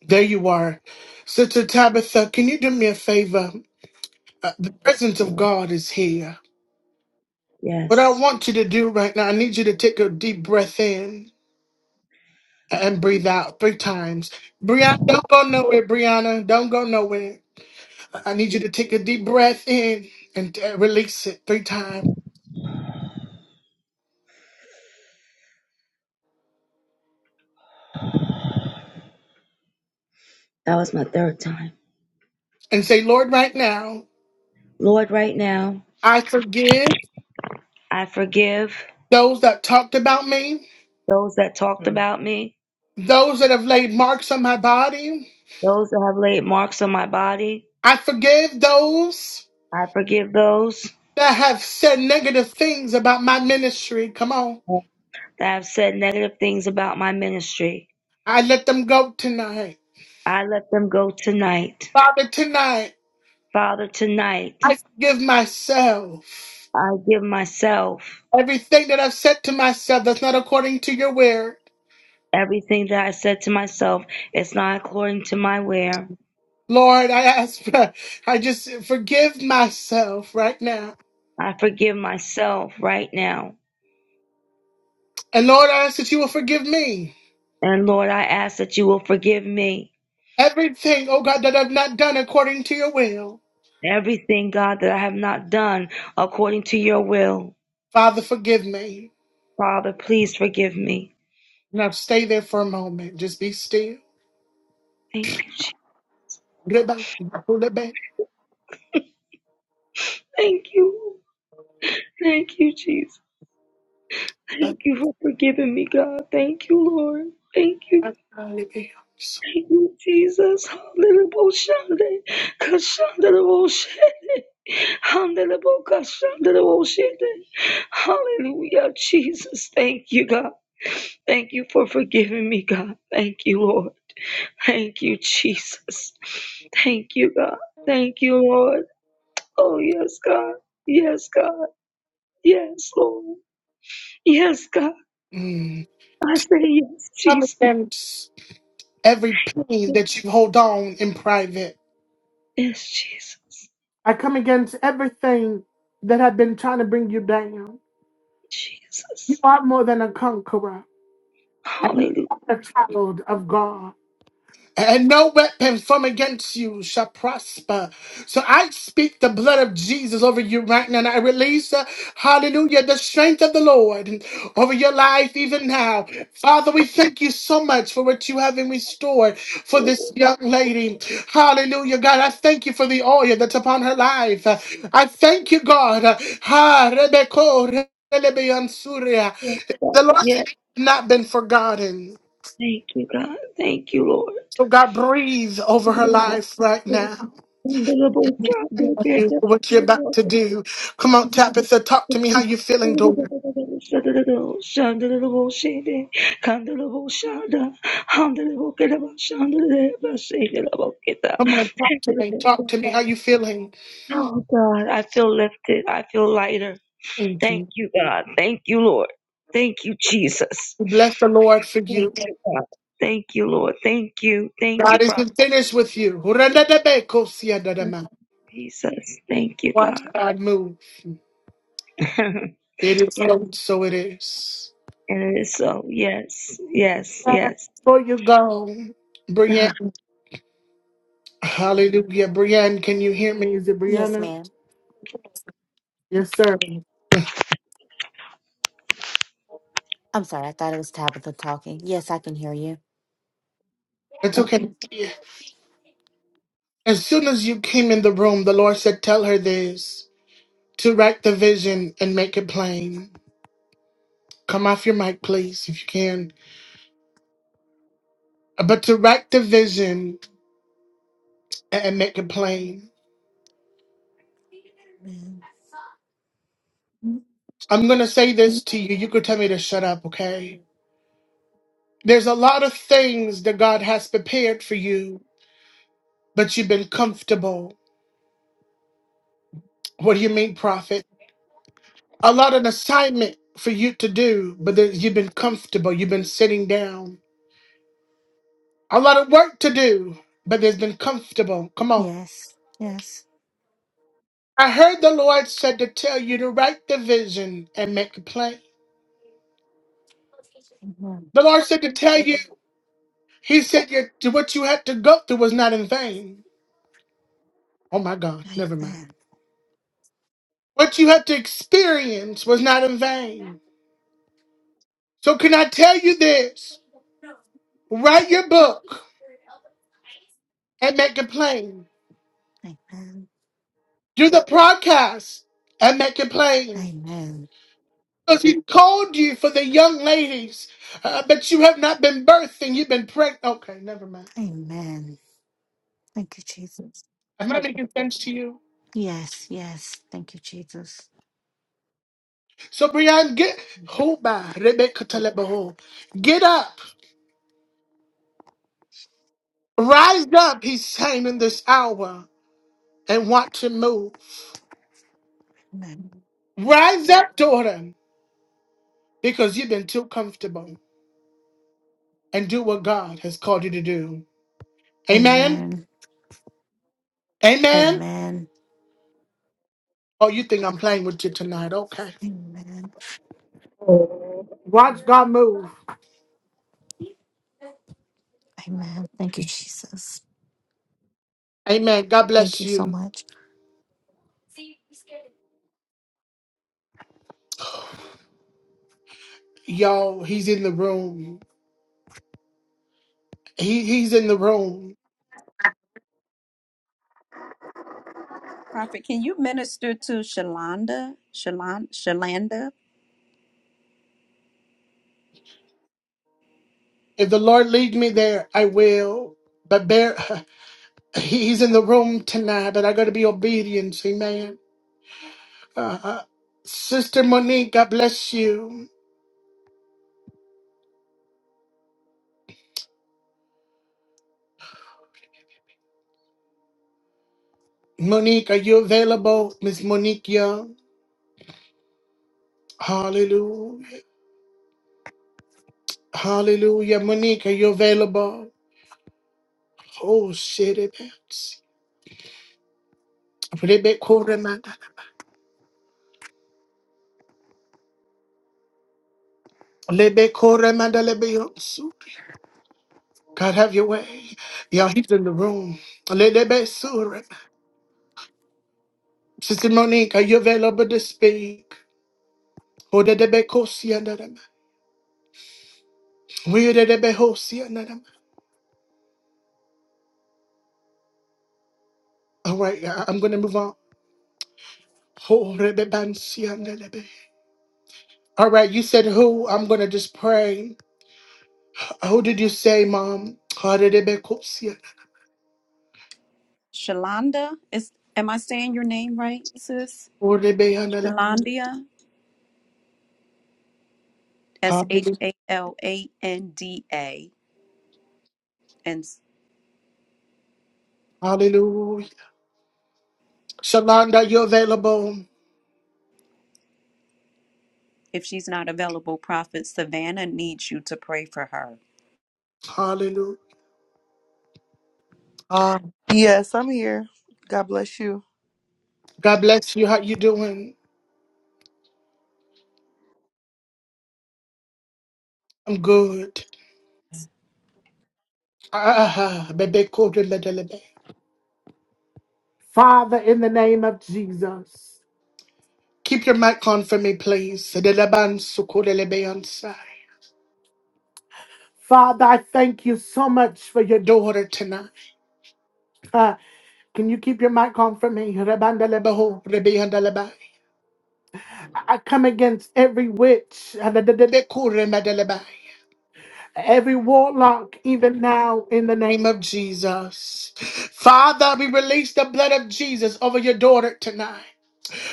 S1: There you are. Sister Tabitha, can you do me a favor? Uh, the presence of God is here. What I
S6: Yes.
S1: want you to do right now, I need you to take a deep breath in and breathe out three times. Brianna, don't go nowhere, Brianna. Don't go nowhere. I need you to take a deep breath in and uh, release it three times.
S6: That was my third time.
S1: and say, Lord, right now,
S6: Lord, right now,
S1: I forgive
S6: I forgive
S1: those that talked about me,
S6: those that talked about me,
S1: those that have laid marks on my body.
S6: those that have laid marks on my body.
S1: I forgive those
S6: I forgive those
S1: that have said negative things about my ministry. Come on.
S6: that have said negative things about my ministry.
S1: I let them go tonight.
S6: I let them go tonight.
S1: Father, tonight,
S6: Father, tonight,
S1: I forgive myself.
S6: I give myself
S1: Everything that I've said to myself that's not according to your word.
S6: everything that I said to myself. It's not according to my will.
S1: Lord, I ask, [laughs] I just forgive myself right now.
S6: I forgive myself right now.
S1: And Lord, I ask that you will forgive me.
S6: And Lord, I ask that you will forgive me
S1: Everything, oh God, that I've not done according to your will.
S6: Everything, God, that I have not done according to your will,
S1: Father, forgive me.
S6: Father, please forgive me.
S1: Now stay there for a moment. Just be still.
S6: Thank you, Jesus.
S1: Mm.
S6: Thank you. Thank you, Jesus. Thank you for forgiving me, God. Thank you, Lord. Thank you. Thank you, Jesus. Hallelujah. Kashandalaboshe. Handelabokashandalaboshete. Hallelujah, Jesus. Thank you, God. Thank you for forgiving me, God. Thank you, Lord. Thank you, Jesus. Thank you, God. Thank you, Lord. Oh, yes, God. Yes, God. Yes, Lord. Yes, God. I say yes,
S1: Come
S6: Jesus.
S1: against every pain that you hold on in private.
S6: Yes, Jesus.
S1: I come against everything that I've been trying to bring you down. You
S6: Jesus.
S1: are more than a conqueror. And you
S6: Hallelujah.
S1: are a child of God. and no weapon from against you shall prosper. So I speak the blood of Jesus over you right now, and I release, uh, hallelujah, the strength of the Lord over your life even now. Father, we thank you so much for what you have in restore for this young lady. Hallelujah, God. I thank you for the oil that's upon her life. Uh, I thank you, God. Uh, Ha, Rebecca, Rebecca, Surya.
S6: Yes,
S1: The
S6: God.
S1: Lord has
S6: Yes.
S1: not been forgotten.
S6: Thank you, God. Thank you,
S1: So God breathe over her life right now. And we thank you for what you're
S6: Lord.
S1: about to do. Come on, Tabitha, talk to me how you feeling,
S6: Oh God,
S1: daughter. Come on, talk to me. Talk to me how you feeling.
S6: I feel lifted. I feel lighter. Thank
S1: Mhm.
S6: you, God. Thank you, Lord. Thank you, Jesus.
S1: We bless the Lord for
S6: Thank
S1: you.
S6: you, God. Thank you, Lord. Thank you. Thank you,
S1: God
S6: Prophet.
S1: isn't finished with you.
S6: Jesus. Thank you,
S1: Watch
S6: God.
S1: God move.
S6: [laughs] yes,
S1: It is so, so it is.
S6: and it is so. Yes, yes, yes.
S1: Before you go,
S6: [sighs]
S1: Brianna, hallelujah. Brianna, can you hear me? Is it
S10: Yes,
S1: Brianna?
S10: ma'am.
S1: Yes, sir.
S10: I'm sorry. I thought it was Tabitha talking. Yes, I can hear you.
S1: It's okay. As soon as you came in the room, the Lord said, Tell her this to write the vision and make it plain. Come off your mic, please, if you can. Uh, But to write the vision and and make it plain.
S10: Amen.
S1: I'm going to say this to you. You could tell me to shut up, okay? There's a lot of things that God has prepared for you, but you've been comfortable. What do you mean, prophet? A lot of assignment for you to do, but there- you've been comfortable. You've been sitting down. A lot of work to do, but there's been comfortable. Come on.
S10: Yes, yes.
S1: I heard the Lord said to tell you to write the vision and make it plain.
S10: Amen.
S1: The Lord said to tell you, He said your, what you had to go through was not in vain. Oh my God, never mind.
S10: Amen.
S1: What you had to experience was not in vain. So, can I tell you this? Write your book and make it plain.
S10: Amen.
S1: Do the podcast and make it plain.
S10: Amen.
S1: Because He called you for the young ladies, uh, but you have not been birthing, you've been pregnant. Okay, never mind.
S10: Amen. Thank you, Jesus.
S1: Am I making sense to you?
S10: Yes, yes. Thank you, Jesus.
S1: So Brian, get Hoba, Rebecca Telebaho. Get up. Rise up, he's saying in this hour, and watch him move.
S10: Amen.
S1: Rise up, daughter, because you've been too comfortable. And do what God has called you to do. Amen.
S10: Amen.
S1: Amen.
S10: Amen.
S1: Oh, you think I'm playing with you tonight. Okay.
S10: Amen.
S1: Watch God move.
S10: Amen. Thank you, Jesus.
S1: Amen. God
S10: Thank
S1: bless
S10: you so
S1: you.
S10: much.
S1: Y'all, he's in the room. He he's in the room.
S5: Prophet, can you minister to Shalanda? Shalan, Shalanda?
S1: If the Lord lead me there, I will. But bear [laughs] He's in the room tonight, but I gotta be obedient, amen. Uh, Sister Monique, God bless you. Monique, are you available? Miss Monique Young. Hallelujah. Hallelujah. Monique, are you available? Oh shit, it is. Lebe kore manda. Lebe kore manda lebe yonsu. God have your way. Yeah, he's in the room. Lebe sure. Sister Monique, are you available to speak? Oh, debe kosi andarama. We de debe hosi andarama. All right, I- I'm going to move on. Horebebansiandelebe. All right, you said who? I'm going to just pray. Who did you say, Mom? Horebekosia.
S5: Shalanda? Is am I saying your name right, sis?
S1: Horebeyanele-
S5: Shalandia? S H
S1: Hallelujah.
S5: A L A N D A. And s-
S1: Hallelujah. Shalanda, you're available.
S5: if she's not available, Prophet Savannah needs you to pray for her.
S1: Hallelujah. Ah,
S11: Yes, I'm here. God bless you.
S1: God bless you. How you doing? I'm good. Ah, bebekorebedelebe. Father, in the name of Jesus. Keep your mic on for me, please. Sedelebansukorelebeyansa. Father, I thank you so much for your daughter tonight. Uh, can you keep your mic on for me? Rebandelebeho, rebeyandelebai. I I come against every witch, adadadadekuremadelebai. every warlock, even now, in the name of Jesus. Father, we release the blood of Jesus over your daughter tonight.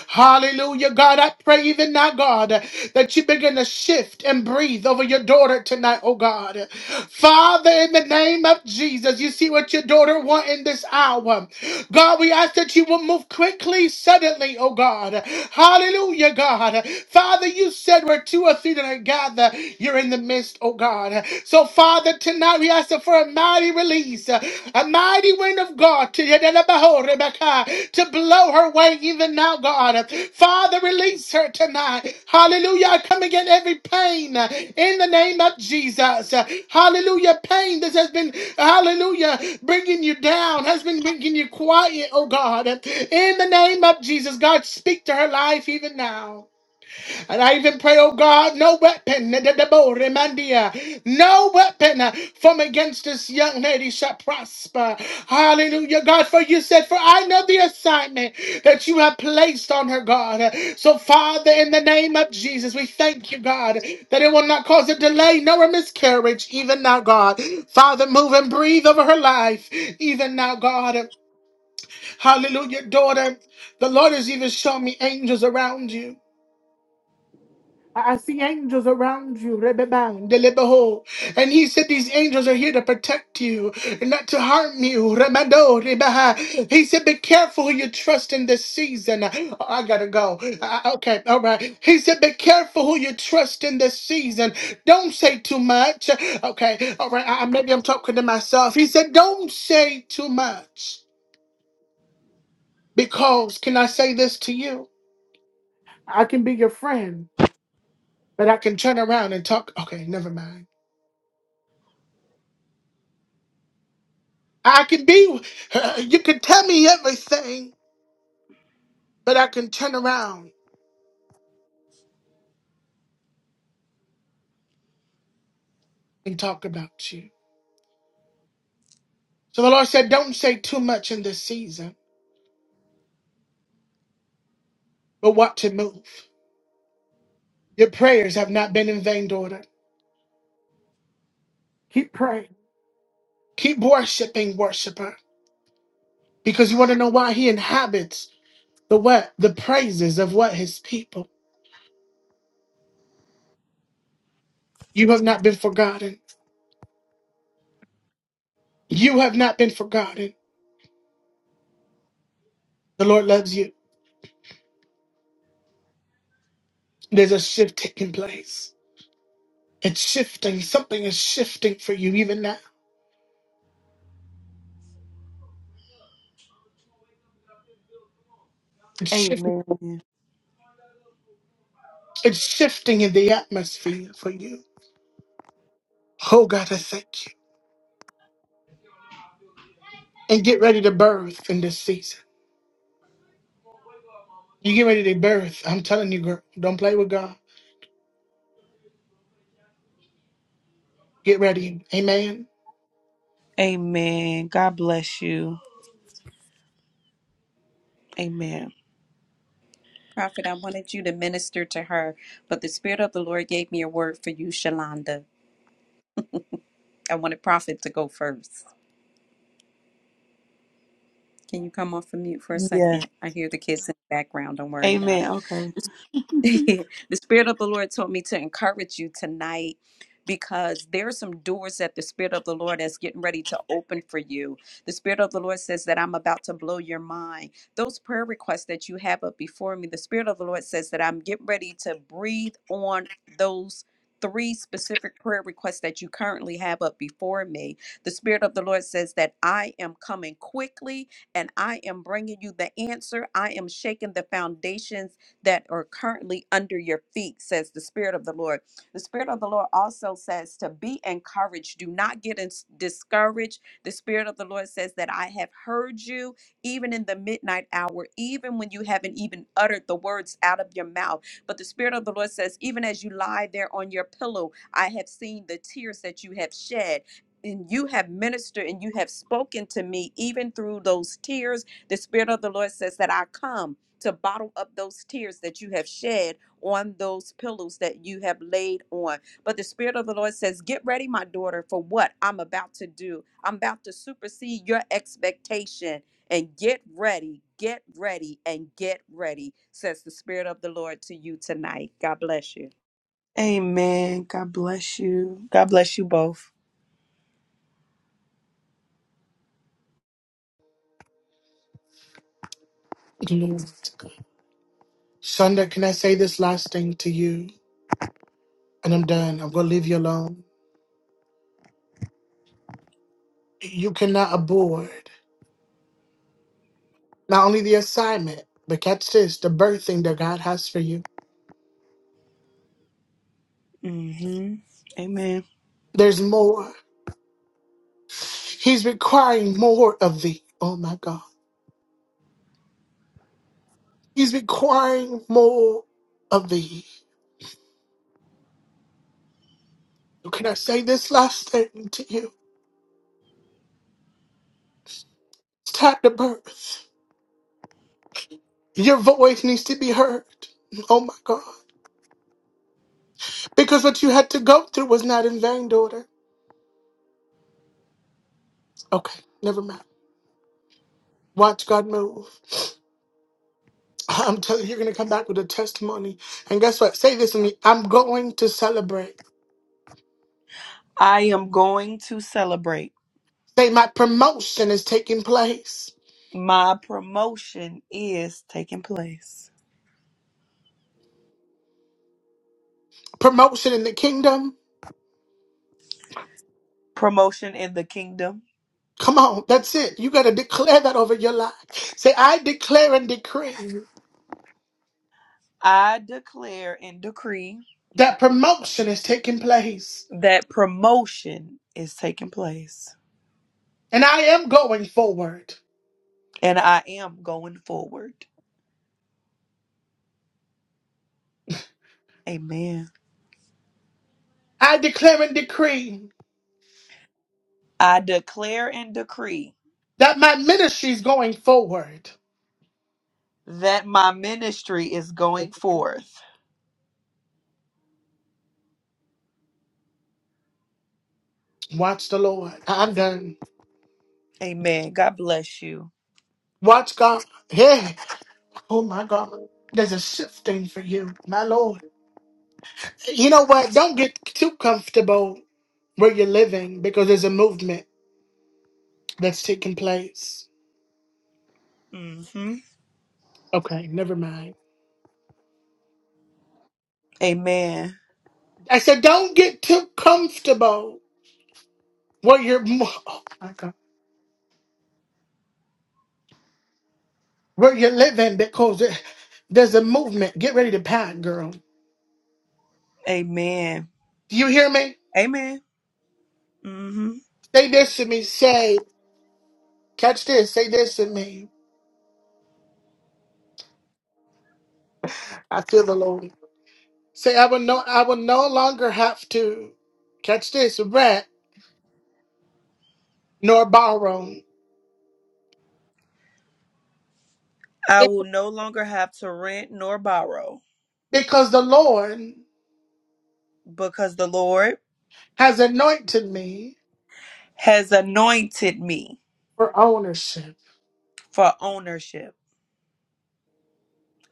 S1: Hallelujah. God, I pray even now, God, that you begin to shift and breathe over your daughter tonight, oh God. Father, in the name of Jesus, you see what your daughter wants in this hour. God, we ask that you will move quickly, suddenly, oh God. Hallelujah, God. Father, you said where two or three that are gathered, you're in the midst, oh God. So, Father, tonight we ask for a mighty release, uh, a mighty wind of God to Yadalabaho, Rebecca, to blow her way even now, God. Father, release her tonight. Hallelujah. I come against every pain uh, in the name of Jesus. Uh, Hallelujah. Pain that has been, hallelujah, bringing you down, has been bringing you quiet, oh God. In the name of Jesus, God, speak to her life even now. And I even pray, oh God, no weapon, da- da- da- bo- remandia, no weapon uh, from against this young lady shall prosper. Hallelujah, God, for you said, for I know the assignment that you have placed on her, God. Uh, So, Father, in the name of Jesus, we thank you, God, that it will not cause a delay nor a miscarriage, even now, God. Father, move and breathe over her life, even now, God. Hallelujah, daughter. The Lord has even shown me angels around you. I I see angels around you, Rebebang, Delebeho. And he said these angels are here to protect you and not to harm you. Remando, Rebaha. He said, Be careful who you trust in this season. Oh, I gotta go. Uh, okay, all right. He said, Be careful who you trust in this season. Don't say too much. Okay, all right. I, I- maybe I'm talking to myself. He said, Don't say too much. Because, can I say this to you? I can be your friend, but I can turn around and talk. Okay, never mind. I can be, [laughs] uh, you can tell me everything, but I can turn around and talk about you. So the Lord said, Don't say too much in this season, but what to move. Your prayers have not been in vain, daughter. Keep praying, keep worshiping, worshiper, because you want to know why He inhabits the what? The praises of what? His people. You have not been forgotten. You have not been forgotten. The Lord loves you. There's a shift taking place. It's shifting. Something is shifting for you even now.
S11: Amen.
S1: It's shifting in the atmosphere for you. Oh God, I thank you. And get ready to birth in this season. You get ready to birth. I'm telling you, girl, don't play with God. Get ready. Amen.
S11: Amen. God bless you. Amen.
S5: Prophet, I wanted you to minister to her, but the Spirit of the Lord gave me a word for you, Shalanda. I wanted Prophet to go first. Can you come off of mute for a
S11: Yeah.
S5: second? I hear the kids in the background. Don't worry about
S11: Amen.
S5: it.
S11: Okay.
S5: [laughs] the spirit of the lord told me to encourage you tonight because there are some doors that the spirit of the lord is getting ready to open for you the spirit of the lord says that i'm about to blow your mind those prayer requests that you have up before me the spirit of the lord says that i'm getting ready to breathe on those Three specific prayer requests that you currently have up before me. The Spirit of the Lord says that I am coming quickly and I am bringing you the answer. I am shaking the foundations that are currently under your feet, says the Spirit of the Lord. The Spirit of the Lord also says to be encouraged. Do not get ins- discouraged. The Spirit of the Lord says that I have heard you even in the midnight hour, even when you haven't even uttered the words out of your mouth. But the Spirit of the Lord says, even as you lie there on your pillow, I have seen the tears that you have shed. And you have ministered and you have spoken to me even through those tears. The Spirit of the Lord says that I come to bottle up those tears that you have shed on those pillows that you have laid on. But the Spirit of the Lord says, Get ready, my daughter, for what I'm about to do. I'm about to supersede your expectation. And get ready, get ready, and get ready, says the Spirit of the Lord to you tonight. God bless you.
S11: Amen. God bless you. God bless you both.
S1: Yes. Sonda, can I say this last thing to you? And I'm done. I'm gonna leave you alone. You cannot abort not only the assignment, but catch this, the birthing that God has for you.
S11: hmm Amen.
S1: There's more. He's requiring more of thee. Oh my God. He's requiring more of thee. So Can I say this last statement to you? It's time to birth. Your voice needs to be heard. Oh my God. Because what you had to go through was not in vain, daughter. Okay, never mind. Watch God move. [laughs] I'm telling you, you're going to come back with a testimony. And guess what? Say this to me I'm going to celebrate.
S11: I am going to celebrate.
S1: Say, my promotion is taking place.
S11: My promotion is taking place.
S1: Promotion in the kingdom.
S11: Promotion in the kingdom.
S1: Come on, that's it. You got to declare that over your life. Say, I declare and decree
S11: I declare and decree
S1: that promotion is taking place.
S11: that promotion is taking place.
S1: And I am going forward.
S11: And I am going forward. Amen.
S1: I declare and decree
S11: I declare and decree
S1: that my ministry is going forward.
S11: that my ministry is going forth.
S1: Watch the Lord. I'm done.
S11: Amen. God bless you.
S1: Watch God. Hey, oh my God. There's a shifting for you, my Lord. You know what? Don't get too comfortable where you're living because there's a movement that's taking place.
S11: hmm
S1: Okay, never mind.
S11: Amen.
S1: I said, don't get too comfortable where you're, oh my God, where you're living because it- there's a movement. Get ready to pack, girl.
S11: Amen.
S1: Do you hear me?
S11: Amen. hmm
S1: Say this to me. Say, catch this. Say this to me. I feel the Lord. Say, I will no, I will no longer have to catch this rent nor borrow
S11: I
S1: be-
S11: will no longer have to rent nor borrow
S1: because the Lord
S11: because the Lord
S1: has anointed me
S11: has anointed me
S1: for ownership.
S11: for ownership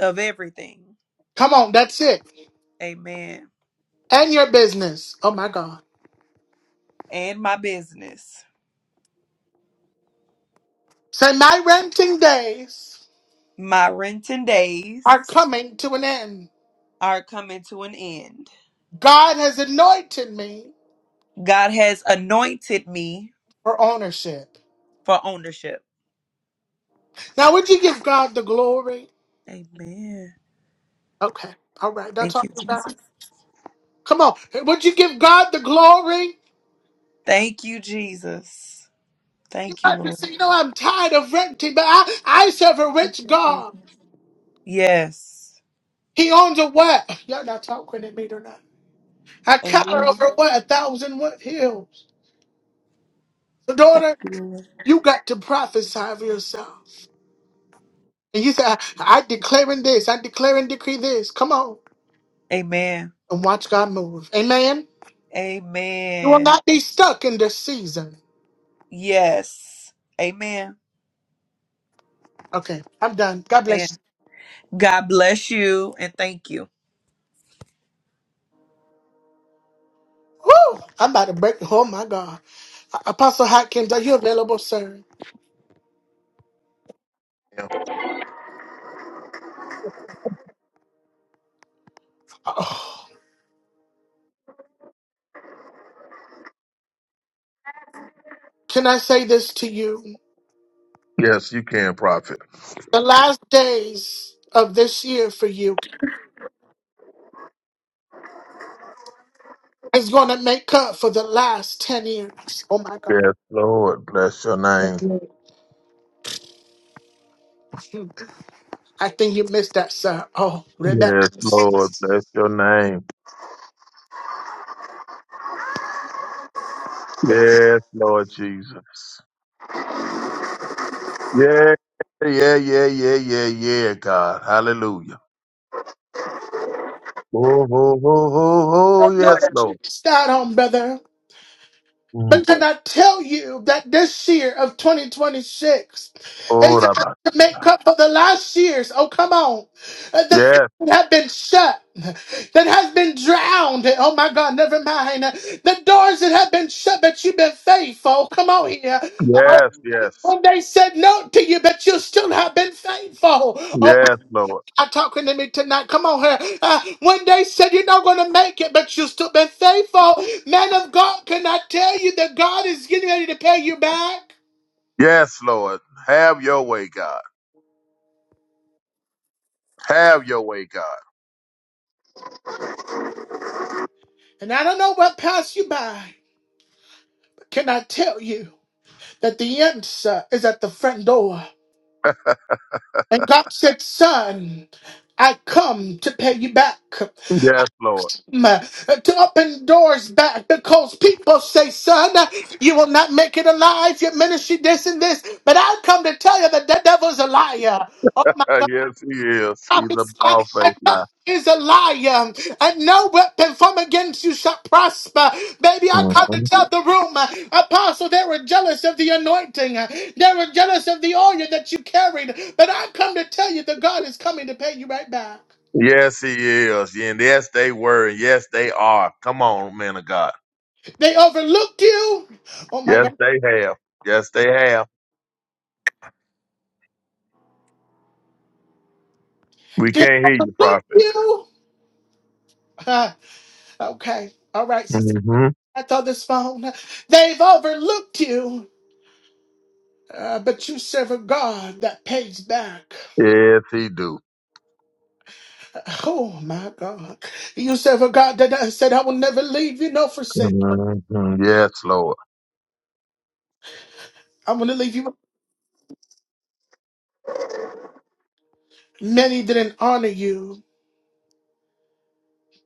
S11: of everything.
S1: Come on, that's it.
S11: Amen.
S1: And your business. Oh my God.
S11: And my business.
S1: Say, my renting days
S11: My renting days
S1: are coming to an end.
S11: are coming to an end.
S1: God has anointed me
S11: God has anointed me
S1: for ownership.
S11: for ownership.
S1: Now, would you give God the glory?
S11: Amen.
S1: Okay. All right. That's
S11: Thank
S1: all.
S11: you, Jesus.
S1: That's, come on. Would you give God the glory?
S11: Thank you, Jesus.
S1: You
S11: Thank you,
S1: might be
S11: Lord.
S1: saying, you know, I'm tired of renting, but I, I serve a rich God.
S11: Yes.
S1: He owns a what? Y'all not talking at me tonight. I cover
S11: Amen.
S1: over what? A thousand what hills. So
S11: Thank
S1: daughter,
S11: you, Lord.
S1: you got to prophesy of yourself. And you say, I, I declaring this. I declare and decree this. Come on.
S11: Amen.
S1: And watch God move. Amen. You will
S11: Amen.
S1: not be stuck in this season.
S11: Yes. Amen.
S1: Okay. I'm done. God bless
S11: Amen.
S1: you.
S11: God bless you and thank you.
S1: Woo! I'm about to break. Oh my God. Apostle Hopkins, are you available, sir? [sighs]
S7: Yeah.
S1: Oh, can I say this to you?
S7: Yes, you can, prophet.
S1: The last days of this year for you is going to make up for the last 10 years. Oh my God.
S7: Yes, Lord, bless your name.
S1: Hmm. I think you missed that, sir. Oh, Rebecca.
S7: Yes,
S1: Start
S7: Lord, bless your name. Yes, Lord Jesus. Yeah, yeah, yeah, yeah, yeah, yeah, God. Hallelujah. Oh, oh, oh, oh, oh yes, Lord.
S1: on, brother.
S7: Mm.
S1: But can I tell you that this year of 2026
S7: Oh,
S1: is going
S7: Rabbi.
S1: to make up for the last years? Oh, come on. Uh, The things
S7: Yes,
S1: that have been shut, that has been drowned. Oh, my God, never mind. The doors that have been shut, but you've been faithful. Come on here. Oh,
S7: yes, yes,
S1: when they said no to you, but you still have been faithful. Oh,
S7: yes, Lord.
S1: I'm talking to me tonight. Come on here. Uh, when they said you're not going to make it, but you've still been faithful, man of God, can I tell you that God is getting ready to pay you back?
S7: Yes, Lord. Have your way, God. Have your way, God.
S1: And I don't know what passed you by, but can I tell you that the answer is at the front door? And God said, Son, I come to pay you back.
S7: Yes, Lord.
S1: to open doors back because people say, son, you will not make it alive. Your ministry, this and this. But I've come to tell you that the devil's a liar. Oh my
S7: Uh,
S1: God.
S7: yes, he is. He's a
S1: Prophesy.
S7: bald
S1: The
S7: faced
S1: devil
S7: now.
S1: Is a liar, and no weapon from against you shall prosper. Baby, I come to
S7: Mm-hmm.
S1: tell the room, uh, Apostle, they were jealous of the anointing, Uh, they were jealous of the oil that you carried. But I come to tell you that God is coming to pay you right back.
S7: Yes, he is. Yeah, And yes, they were. And yes, they are. Come on, man of God.
S1: They overlooked you. Oh my God.
S7: Yes, they have. Yes, they have. We
S1: Did
S7: can't
S1: I
S7: hear you,
S1: book
S7: prophet.
S1: you? [laughs] Uh, okay. All right, sister.
S7: hmm
S1: I thought this phone. They've overlooked you. Uh, but you serve a God that pays back.
S7: Yes, he do.
S1: Oh my God. You serve a God that that said, I will never leave you, no forsake. you.
S7: hmm Yes, Lord.
S1: I'm going to leave you. Many didn't honor you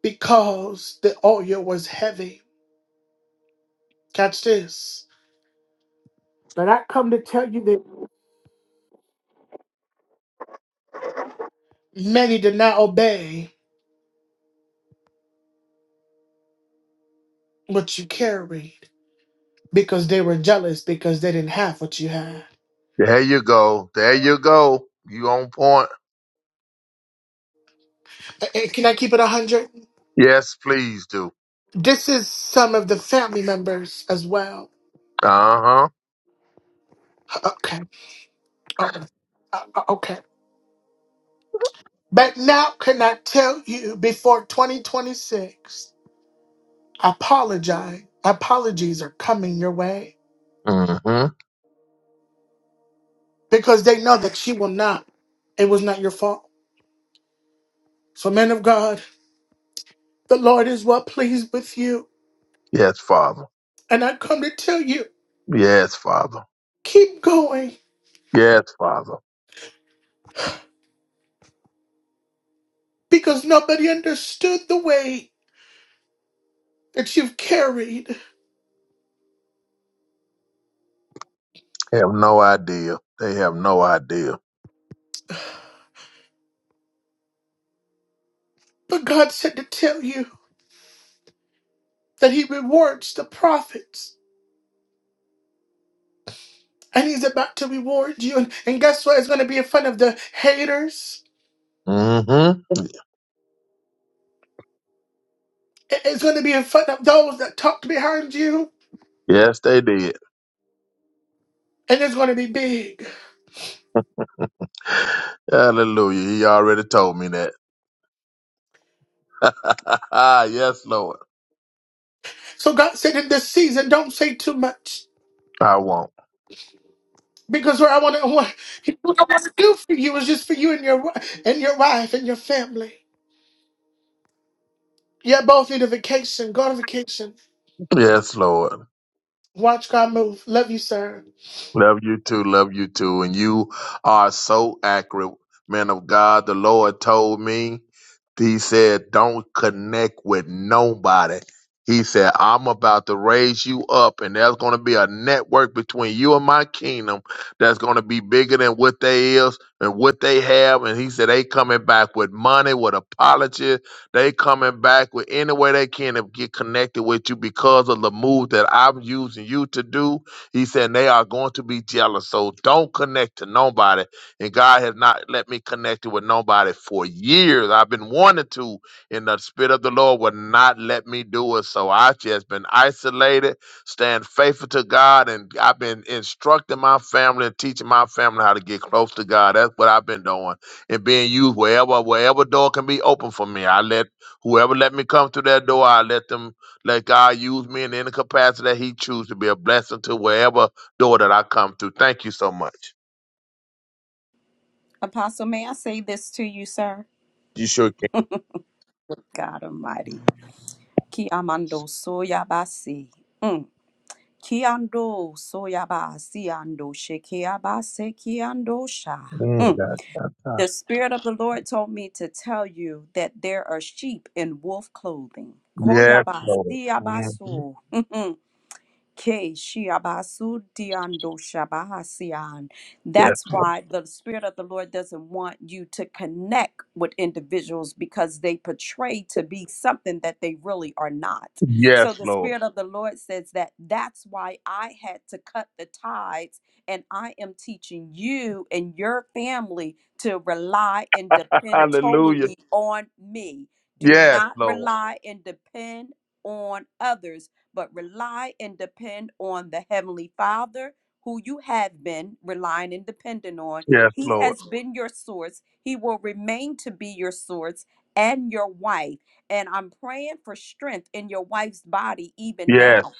S1: because the oil was heavy. Catch this. But I come to tell you that many did not obey what you carried because they were jealous because they didn't have what you had.
S7: There you go. There you go. You on point.
S1: Eh, Can I keep it 100?
S7: Yes, please do.
S1: This is some of the family members as well.
S7: Uh
S1: Okay. Okay. Uh, uh, okay. But now, can I tell you before 2026, apologize. Apologies are coming your way
S7: huh. hmm
S1: because they know that she will not. It was not your fault. So, men of God, the Lord is well pleased with you.
S7: Yes, Father.
S1: And I come to tell you,
S7: Yes, Father.
S1: keep going
S7: Yes, Father.
S1: because nobody understood the way that you've carried.
S7: Have no idea. They have no idea.
S1: But God said to tell you. that he rewards the prophets. And he's about to reward you. And, and guess what? It's going to be in front of the haters.
S7: hmm
S1: It- It's going to be in front of those that talk behind you.
S7: Yes, they did.
S1: And it's going to be big.
S7: Hallelujah. He already told me that. [laughs] yes, Lord.
S1: So God said in this season, don't say too much.
S7: I won't.
S1: Because what I want to, [laughs] what, what I want to do for you is just for you and your, wi- and your wife and your family. Yeah, both need a vacation. Go on vacation.
S7: Yes, Lord.
S1: Watch God move. Love you, sir.
S7: Love you too. Love you too. And you are so accurate, man of God. The Lord told me, He said, don't connect with nobody. He said, I'm about to raise you up, and there's going to be a network between you and my kingdom that's going to be bigger than what they is and what they have. And he said, they coming back with money, with apology. They coming back with any way they can to get connected with you because of the move that I'm using you to do he said they are going to be jealous. So don't connect to nobody. And God has not let me connect with nobody for years. I've been wanting to, and the Spirit of the Lord would not let me do it. So I've just been isolated, staying faithful to God, and I've been instructing my family and teaching my family how to get close to God. That's what I've been doing. And being used wherever, wherever door can be open for me. I let whoever let me come through that door, I let them let God use me in any capacity that He chooses to be a blessing to wherever door that I come through. Thank you so much.
S5: Apostle, may I say this to you, sir?
S7: You sure can.
S5: God Almighty. Ki amando soya basi. Mm. Kiando soyaba siando shekiaba sekiando sha.
S7: Mm,
S5: Mm.
S7: God, God, God.
S5: The Spirit of the Lord told me to tell you that there are sheep in wolf clothing.
S7: Yes,
S5: Koyaba
S7: Lord.
S5: siaba
S7: hmm
S5: so. [laughs] Ke shiabasu diando shabahasian.
S7: Yes,
S5: That's
S7: Lord.
S5: why the Spirit of the Lord doesn't want you to connect with individuals because they portray to be something that they really are not.
S7: Yes,
S5: So the
S7: Lord.
S5: Spirit of the Lord says that that's why I had to cut the ties, and I am teaching you and your family to rely and depend
S7: Hallelujah.
S5: totally on me. Do
S7: Yes,
S5: not
S7: Lord.
S5: rely and depend on others but rely and depend on the Heavenly Father who you have been relying and depending on.
S7: Yes,
S5: He
S7: Lord.
S5: has been your source, He will remain to be your source and your wife. And I'm praying for strength in your wife's body even
S7: Yes,
S5: now.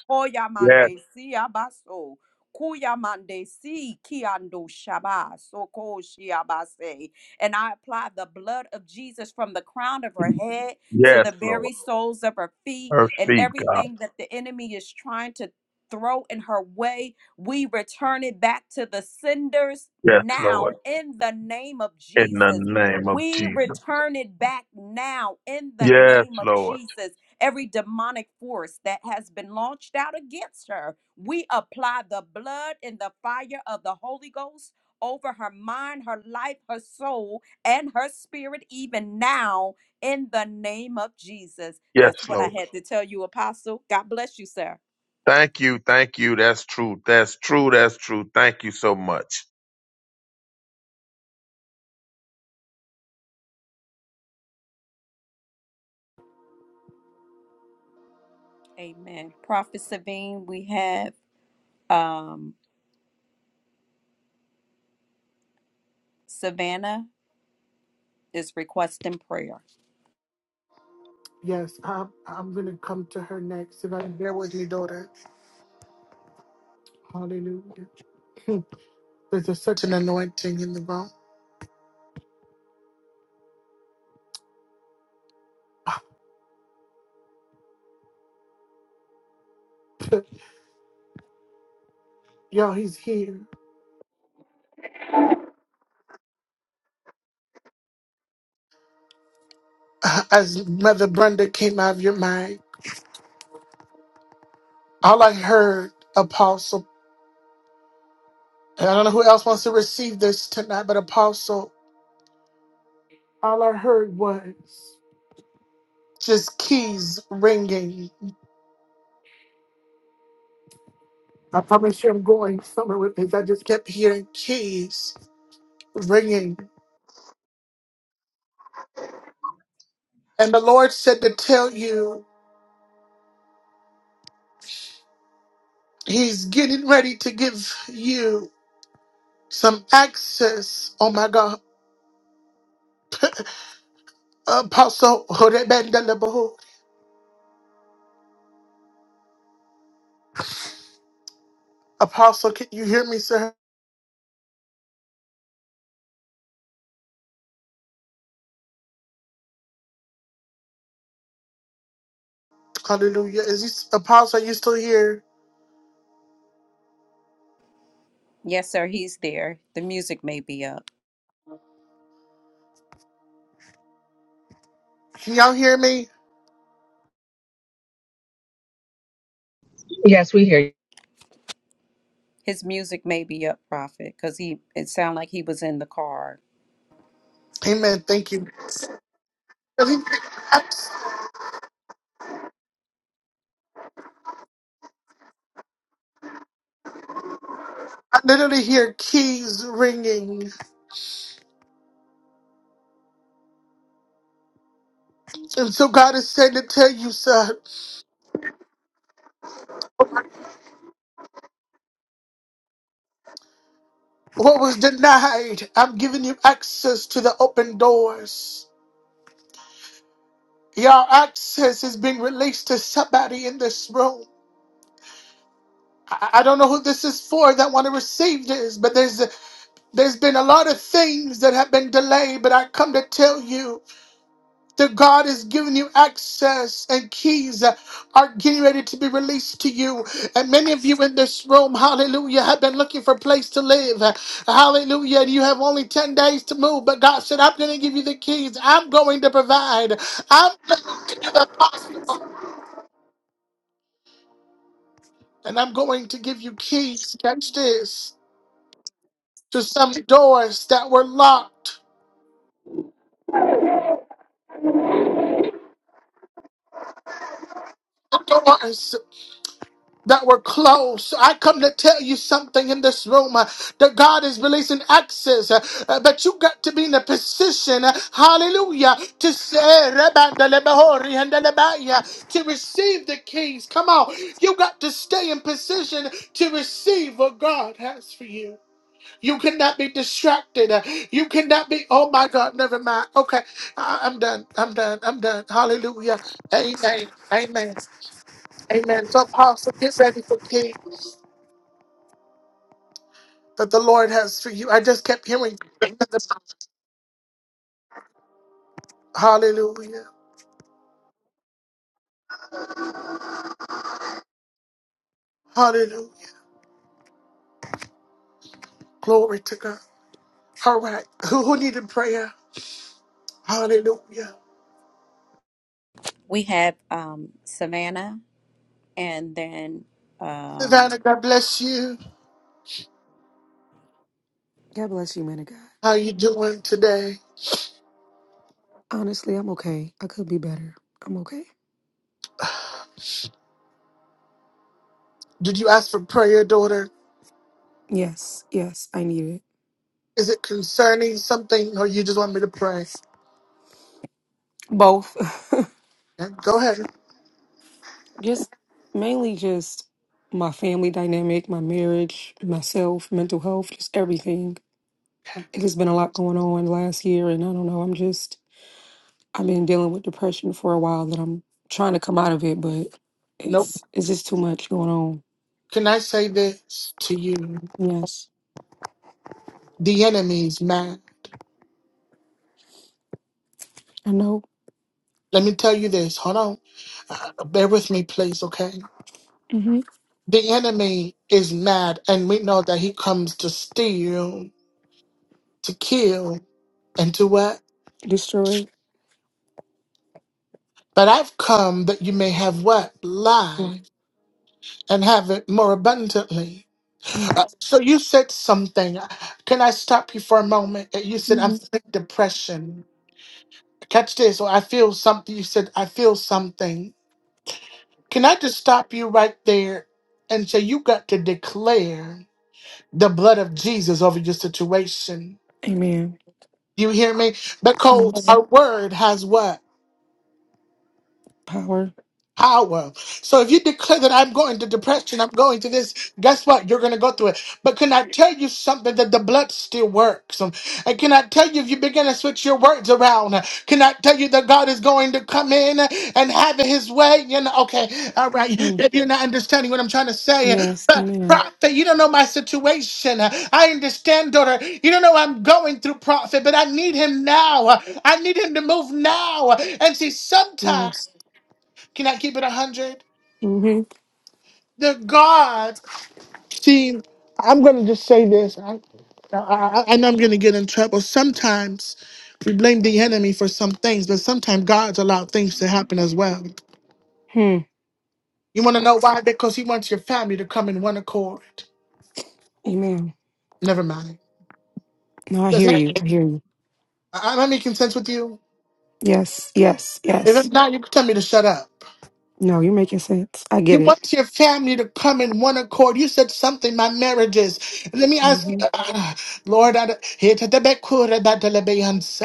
S7: yes,
S5: Oyamande siyabaso, kuyamande si kiando shaba, soko shiabase. And I apply the blood of Jesus from the crown of her head to
S7: yes,
S5: the very
S7: Lord.
S5: soles of her feet
S7: Her
S5: and
S7: feet, God.
S5: everything that the enemy is trying to throw in her way. We return it back to the senders
S7: Yes,
S5: now
S7: Lord.
S5: in the name of
S7: In the
S5: Jesus.
S7: name of
S5: We
S7: Jesus.
S5: return it back now in the
S7: Yes,
S5: name of
S7: Lord.
S5: Jesus. Every demonic force that has been launched out against her, we apply the blood and the fire of the Holy Ghost over her mind, her life, her soul, and her spirit, even now in the name of Jesus. That's
S7: Yes,
S5: what I
S7: Lord.
S5: had to tell you, Apostle. God bless you, sir.
S7: Thank you. Thank you. That's true. That's true. That's true. Thank you so much.
S5: Amen. Prophet Savine, we have um, Savannah is requesting prayer.
S1: Yes, I'm, I'm going to come to her next. If I can bear with me, daughter. Hallelujah. There's a such an anointing in the room. [laughs] y'all. he's here. As Mother Brenda came out of your mind, all I heard, Apostle, and I don't know who else wants to receive this tonight, but Apostle, all I heard was just keys ringing. I promise you I'm going somewhere with this. I just kept hearing keys ringing. And the Lord said to tell you, He's getting ready to give you some access. Oh my God Apostle, hold it back, down the behold. Apostle, can you hear me, sir? Hallelujah. Is this Apostle? Are you still here?
S5: Yes, sir, he's there. The music may be up.
S1: Can y'all hear me?
S2: Yes, we hear you.
S5: His music may be up Prophet, because he it sounded like he was in the car.
S1: Amen. Thank you. I I literally hear keys ringing, and so God is saying to tell you, sir, what was denied, I'm giving you access to the open doors. Your access is being released to somebody in this room. I I don't know who this is for that want to receive this, but there's There's been a lot of things that have been delayed, but I come to tell you that God is giving you access and keys uh, are getting ready to be released to you. And many of you in this room, hallelujah, have been looking for a place to live. Hallelujah. And you have only 10 days to move, but God said, I'm going to give you the keys. I'm going to provide. I'm [laughs] going to do the possible. And I'm going to give you keys. Catch this to some doors that were locked. Doors. that were closed. So I come to tell you something in this room uh, that God is releasing access, uh, uh, but you got to be in a position, uh, hallelujah, to say, "Rebandelebehori handelebaya," to receive the keys. Come on, you got to stay in position to receive what God has for you. You cannot be distracted. uh, You cannot be, oh my God, never mind. Okay, I- I'm done. I'm done. I'm done. Hallelujah. Amen. Amen. Amen. So, Apostle, get ready for King that the Lord has for you. I just kept hearing. Hallelujah. Hallelujah. Glory to God. All right. Who, who needed prayer? Hallelujah.
S5: We have um Savannah and then um
S1: Savannah, God bless you.
S12: God bless you, man of God.
S1: How you doing today?
S12: Honestly, I'm okay. I could be better. I'm okay.
S1: Did you ask for prayer, daughter?
S12: Yes, yes, I need it.
S1: Is it concerning something or you just want me to pray?
S12: Both. [sighs]
S1: Okay, go ahead.
S12: [laughs] Just mainly just my family dynamic, my marriage, myself, mental health, just everything.
S1: Okay.
S12: It has been a lot going on last year, and I don't know. I'm just, I've been dealing with depression for a while that I'm trying to come out of it, but
S1: Nope.
S12: it's it's just too much going on.
S1: Can I say this to you?
S12: Yes,
S1: The enemy's man.
S12: I know.
S1: Let me tell you this. Hold on. Uh, bear with me, please, okay?
S12: Mm-hmm.
S1: The enemy is mad, and we know that he comes to steal, to kill, and to what?
S12: Destroyed.
S1: But I've come that you may have what?
S12: Life.
S1: Life, and have it more abundantly.
S12: Yeah.
S1: Uh, So you said something. Can I stop you for a moment? Uh, You said, I'm
S12: Mm-hmm.
S1: feeling depression. Catch this, or I feel something. You said, I feel something. Can I just stop you right there and say, You got to declare the blood of Jesus over your situation?
S12: Amen.
S1: You hear me? Because
S12: Yes.
S1: our word has what?
S12: Power.
S1: power. So if you declare that I'm going to depression, I'm going to this, guess what? You're going to go through it. But can I tell you something that the blood still works? Um, And can I tell you if you begin to switch your words around? uh, Can I tell you that God is going to come in uh, and have it his way? You know, okay, all right.
S12: Mm-hmm.
S1: If you're not understanding what I'm trying to say, uh,
S12: Yes.
S1: but
S12: Amen.
S1: prophet, you don't know my situation. Uh, I understand, daughter. You don't know I'm going through prophet, but I need him now. Uh, I need him to move now. Uh, And see, sometimes.
S12: Yes.
S1: Can I keep it 100?
S12: hmm
S1: The gods. See, I'm going to just say this. I, I, I know I'm going to get in trouble. Sometimes we blame the enemy for some things, but sometimes God's allowed things to happen as well.
S12: Hmm.
S1: You want to know why? Because He wants your family to come in one accord.
S12: Amen.
S1: Never mind.
S12: No, I
S1: Does
S12: hear
S1: that,
S12: you. I hear you.
S1: I- I'm making sense with you?
S12: Yes. Yes.
S1: If it's
S12: Yes.
S1: not, you can tell me to shut up.
S12: No, you're making sense. I get
S1: You
S12: it.
S1: want your family to come in one accord. You said something, my marriages. Let me ask you,
S12: hmm
S1: ah, Lord, I don't- here to the back, cool, da, da,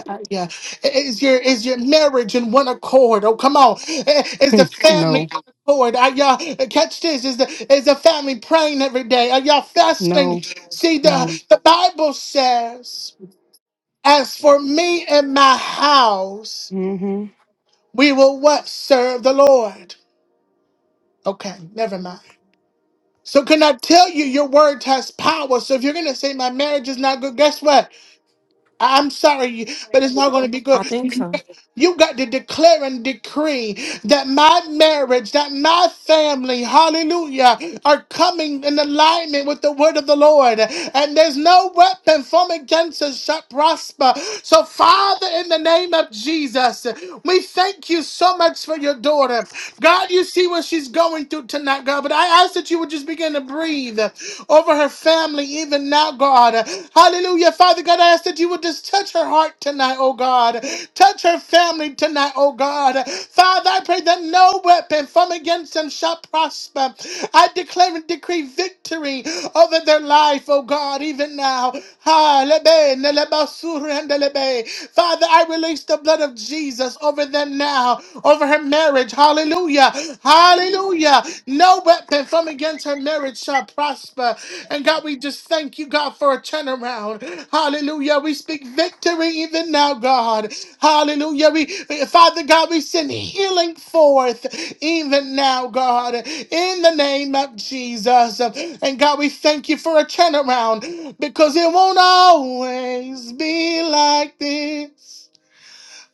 S1: uh, yeah. is your is your marriage in one accord? Oh, come on. Eh, Is the family
S12: No.
S1: in accord? Are y'all catch this? Is the is the family praying every day? Are y'all fasting?
S12: No.
S1: See, the,
S12: No.
S1: the Bible says, as for me and my house,
S12: hmm
S1: we will what? Serve the Lord. Okay, never mind. So can I tell you your word has power? So if you're gonna say my marriage is not good, guess what? I- I'm sorry, but it's not gonna be
S12: I
S1: good.
S12: think so.
S1: You got to declare and decree that my marriage, that my family, hallelujah, are coming in alignment with the word of the Lord. And there's no weapon formed against us shall prosper. So, Father, in the name of Jesus, we thank you so much for your daughter. God, you see what she's going through tonight, God. But I ask that you would just begin to breathe over her family even now, God. God. Hallelujah. Father God, I ask that you would just touch her heart tonight, oh God. Touch her family tonight, oh God. Father, I pray that no weapon from against them shall prosper. I declare and decree victory over their life, oh God, even now. Ha, lebe, neleba, surrendelebe. Father, I release the blood of Jesus over them now, over her marriage. Hallelujah. Hallelujah. Hallelujah. No weapon from against her marriage shall prosper. And God, we just thank you, God, for a turnaround. Hallelujah. We speak victory even now, God. Hallelujah. We, we- Father God, we send healing forth even now, God, in the name of Jesus. And God, we thank you for a turnaround because it won't always be like this.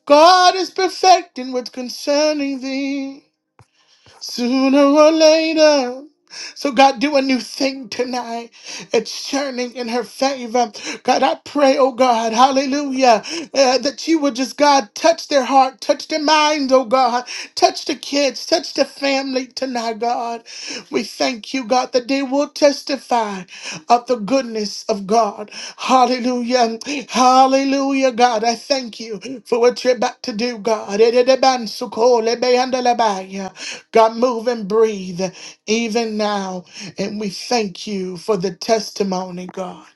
S1: God is perfecting what's concerning thee sooner or later. So, God, do a new thing tonight. It's churning in her favor. God, I pray, oh God, hallelujah, uh, that you would just, God, touch their heart, touch their mind, oh God, touch the kids, touch the family tonight, God. We thank you, God, that they will testify of the goodness of God. Hallelujah, hallelujah, God. I thank you for what you're about to do, God. God, move and breathe even now. And we thank you for the testimony, God,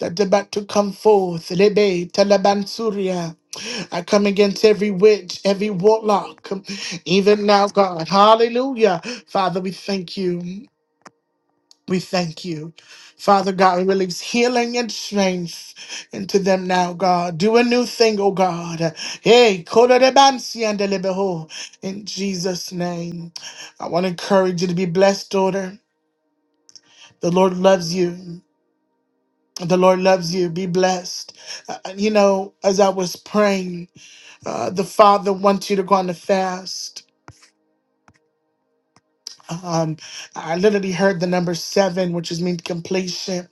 S1: that they're about to come forth. Rebe talabansuria. I come against every witch, every warlock, even now, God. Hallelujah. Father, we thank you. We thank you. Father God, we release healing and strength into them now, God. Do a new thing, oh God. Hey, kodo de bansi and de lebeho. in Jesus' name. I want to encourage you to be blessed, daughter. The Lord loves you. The Lord loves you. Be blessed. Uh, uh, you know, as I was praying, uh, the Father wants you to go on a fast. Um, I literally heard the number seven, which is mean completion.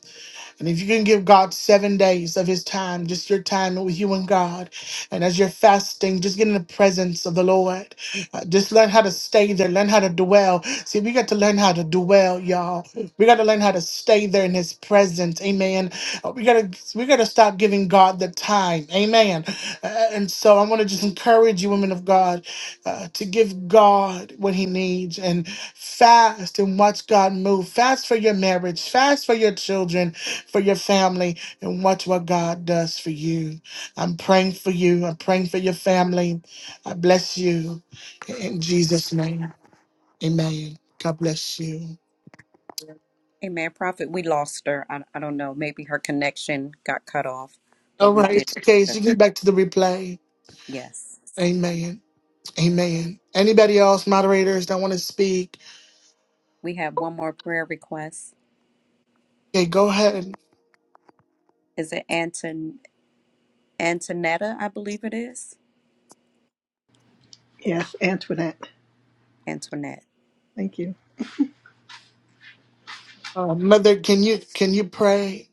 S1: And if you can give God seven days of his time, just your time with you and God, and as you're fasting, just get in the presence of the Lord. Uh, just learn how to stay there, learn how to dwell. See, we got to learn how to dwell, y'all. We got to learn how to stay there in his presence. Amen. Uh, We gotta we gotta stop giving God the time. Amen. Uh, and so I want to just encourage you, women of God, uh, to give God what he needs and fast and watch God move. Fast for your marriage, fast for your children, for your family and watch what God does for you. I'm praying for you. I'm praying for your family. I bless you in Jesus' name. Amen. God bless you.
S5: Amen Prophet. We lost her. I, I don't know. Maybe her connection got cut off, but
S1: All
S5: we did.
S1: right. Okay,
S5: lose
S1: so
S5: her.
S1: you can get back to the replay.
S5: Yes.
S1: Amen. Amen. Anybody else, moderators that want to speak?
S5: We have one more prayer request.
S1: Okay, go ahead.
S5: Is it Anton Antonetta? I believe it is.
S13: Yes, Antoinette.
S5: Antoinette.
S13: Thank you.
S1: Uh, Mother, can you can you pray?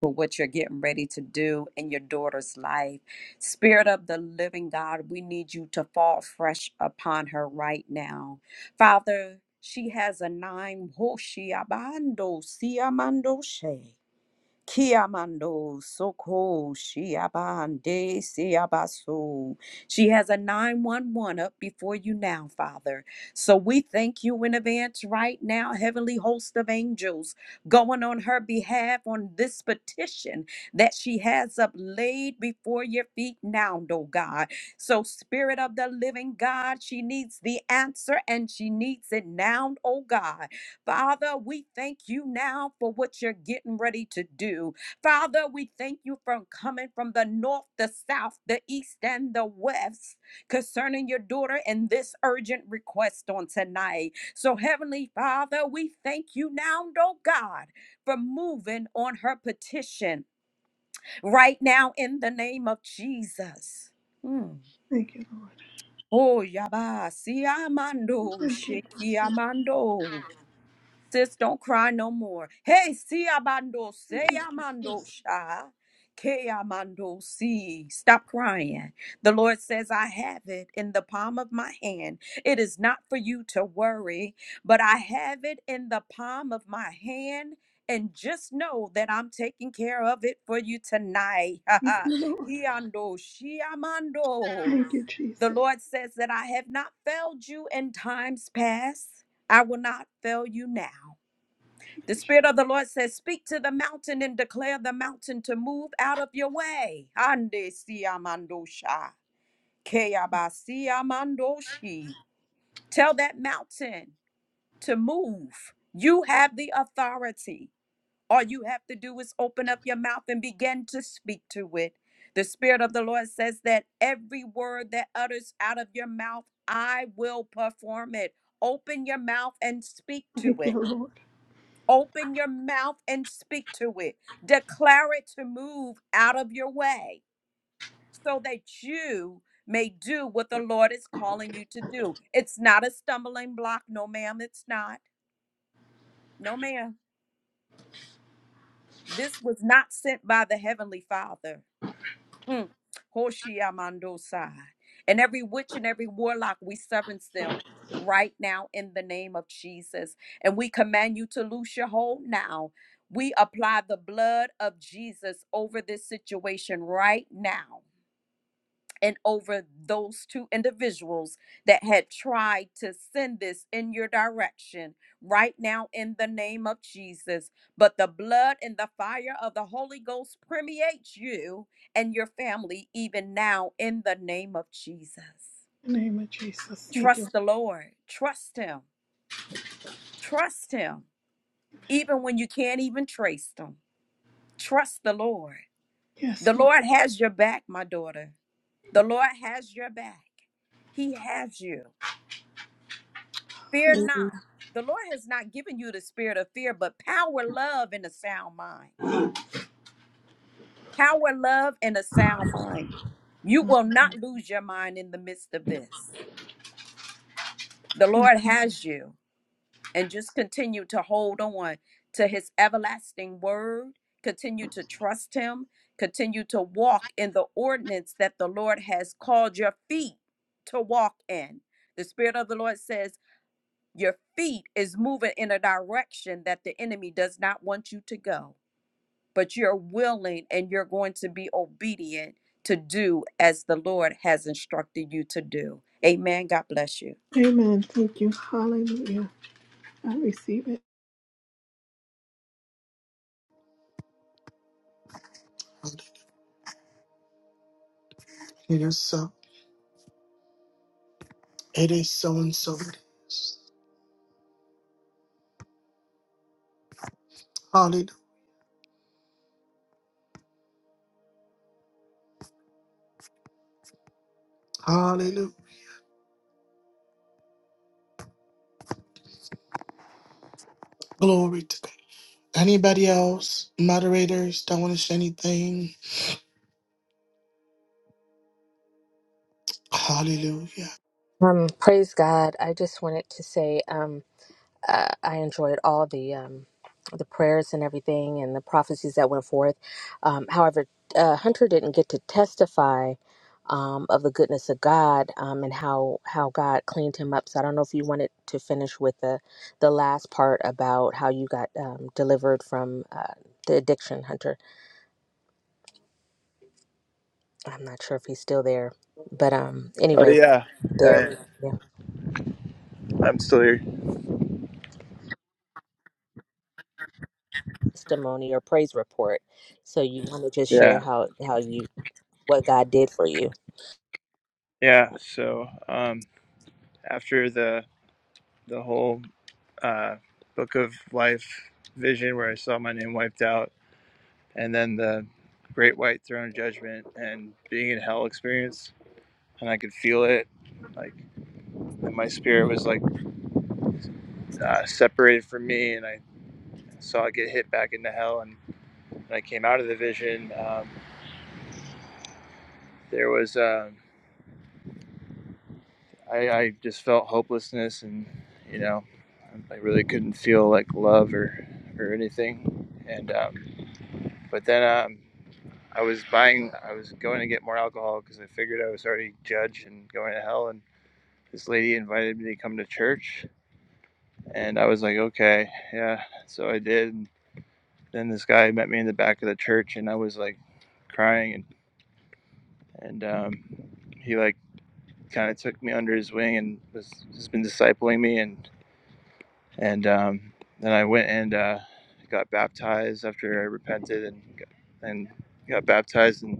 S5: for what you're getting ready to do in your daughter's life. Spirit of the living God, we need you to fall fresh upon her right now. Father, she has a nine. Hoshiabando, siamando, Kiamando Soko Shiabande Siabaso. She has a 911 up before you now, Father. So we thank you in advance right now, heavenly host of angels, going on her behalf on this petition that she has up laid before your feet now, oh God. So, Spirit of the living God, she needs the answer and she needs it now, oh God. Father, we thank you now for what you're getting ready to do. Father, we thank you for coming from the north, the south, the east, and the west concerning your daughter and this urgent request on tonight. So, Heavenly Father, we thank you now, oh God, for moving on her petition right now in the name of Jesus. Mm.
S13: Thank you, Lord.
S5: Oh, Yaba, Siamando,
S13: Thank you, Jesus.
S5: Shekiamando. Sis, don't cry no more. Hey, si amando,
S13: Thank
S5: se
S13: you.
S5: amando sha. Ke amando si. Stop crying. The Lord says, I have it in the palm of my hand. It is not for you to worry, but I have it in the palm of my hand. And just know that I'm taking care of it for you tonight. [laughs] Ha
S13: Thank
S5: ha.
S13: you, Lord.
S5: He ando, she amando.
S13: Thank you,
S5: The
S13: Jesus.
S5: Lord says that I have not failed you in times past. I will not fail you now.
S13: Thank
S5: The
S13: you, Je-
S5: Spirit of the Lord says, Speak to the mountain and declare the mountain to move out of your way. Ande siamandosha, keabasiamandoshi. Tell that mountain to move. You have the authority. All you have to do is open up your mouth and begin to speak to it. The Spirit of the Lord says that every word that utters out of your mouth, I will perform it. Open your mouth and speak to
S13: Thank you,
S5: it.
S13: Lord.
S5: Open your mouth and speak to it. Declare it to move out of your way so that you may do what the Lord is calling you to do. It's not a stumbling block. No, ma'am, it's not. No, ma'am. This was not sent by the Heavenly Father. Mm. Hoshiamandosai. And every witch and every warlock, we severance them right now in the name of Jesus. And we command you to loose your hold now. We apply the blood of Jesus over this situation right now and over those two individuals that had tried to send this in your direction right now in the name of Jesus. But the blood and the fire of the Holy Ghost permeates you and your family even now in the name of Jesus.
S13: In the name of Jesus. Thank you.
S5: Trust the Lord, trust Him, trust Him, even when you can't even trace them. Trust the Lord.
S13: Yes,
S5: The
S13: Lord.
S5: Lord has your back, my daughter. The Lord has your back. He has you. Fear
S13: Hallelujah.
S5: not. The Lord has not given you the spirit of fear, but power, love, and a sound mind. Power, love, and a sound mind. You will not lose your mind in the midst of this. The
S13: Thank
S5: Lord has you, and just continue to hold on to his everlasting word. Continue to trust him. Continue to walk in the ordinance that the Lord has called your feet to walk in. The Spirit of the Lord says, Your feet is moving in a direction that the enemy does not want you to go, but you're willing and you're going to be obedient to do as the Lord has instructed you to do. Amen. God bless you.
S13: you. Amen. Thank you. Hallelujah. I receive it.
S1: It is so. It is so and so. It is. Hallelujah. Hallelujah. Glory to God. Anybody else, moderators, don't want to say anything? Hallelujah.
S2: Um, praise God. I just wanted to say, um, uh, I enjoyed all the um, the prayers and everything, and the prophecies that went forth. Um, however, uh, Hunter didn't get to testify um, of the goodness of God um, and how how God cleaned him up. So I don't know if you wanted to finish with the the last part about how you got um, delivered from uh, the addiction, Hunter. I'm not sure if he's still there, but um,
S8: Oh
S2: anyways,
S8: yeah,
S2: there
S8: yeah.
S2: we yeah,
S8: yeah. I'm still here.
S2: testimony or praise report. So you want to just share
S8: Yeah,
S2: how how you what God did for you.
S8: yeah. So um, after the the whole uh, book of life vision where I saw my name wiped out and then the great white throne of judgment and being in hell experience and i could feel it like my spirit was like uh, separated from me and i saw it get hit back into hell and when i came out of the vision um, there was um I, I just felt hopelessness and you know i really couldn't feel like love or or anything and um, but then um, i was buying i was going to get more alcohol because i figured i was already judged and going to hell and this lady invited me to come to church and i was like okay yeah so i did and then this guy met me in the back of the church and i was like crying and and um, he like kind of took me under his wing and was has been discipling me and and um, then i went and uh, got baptized after i repented and got- and got baptized and,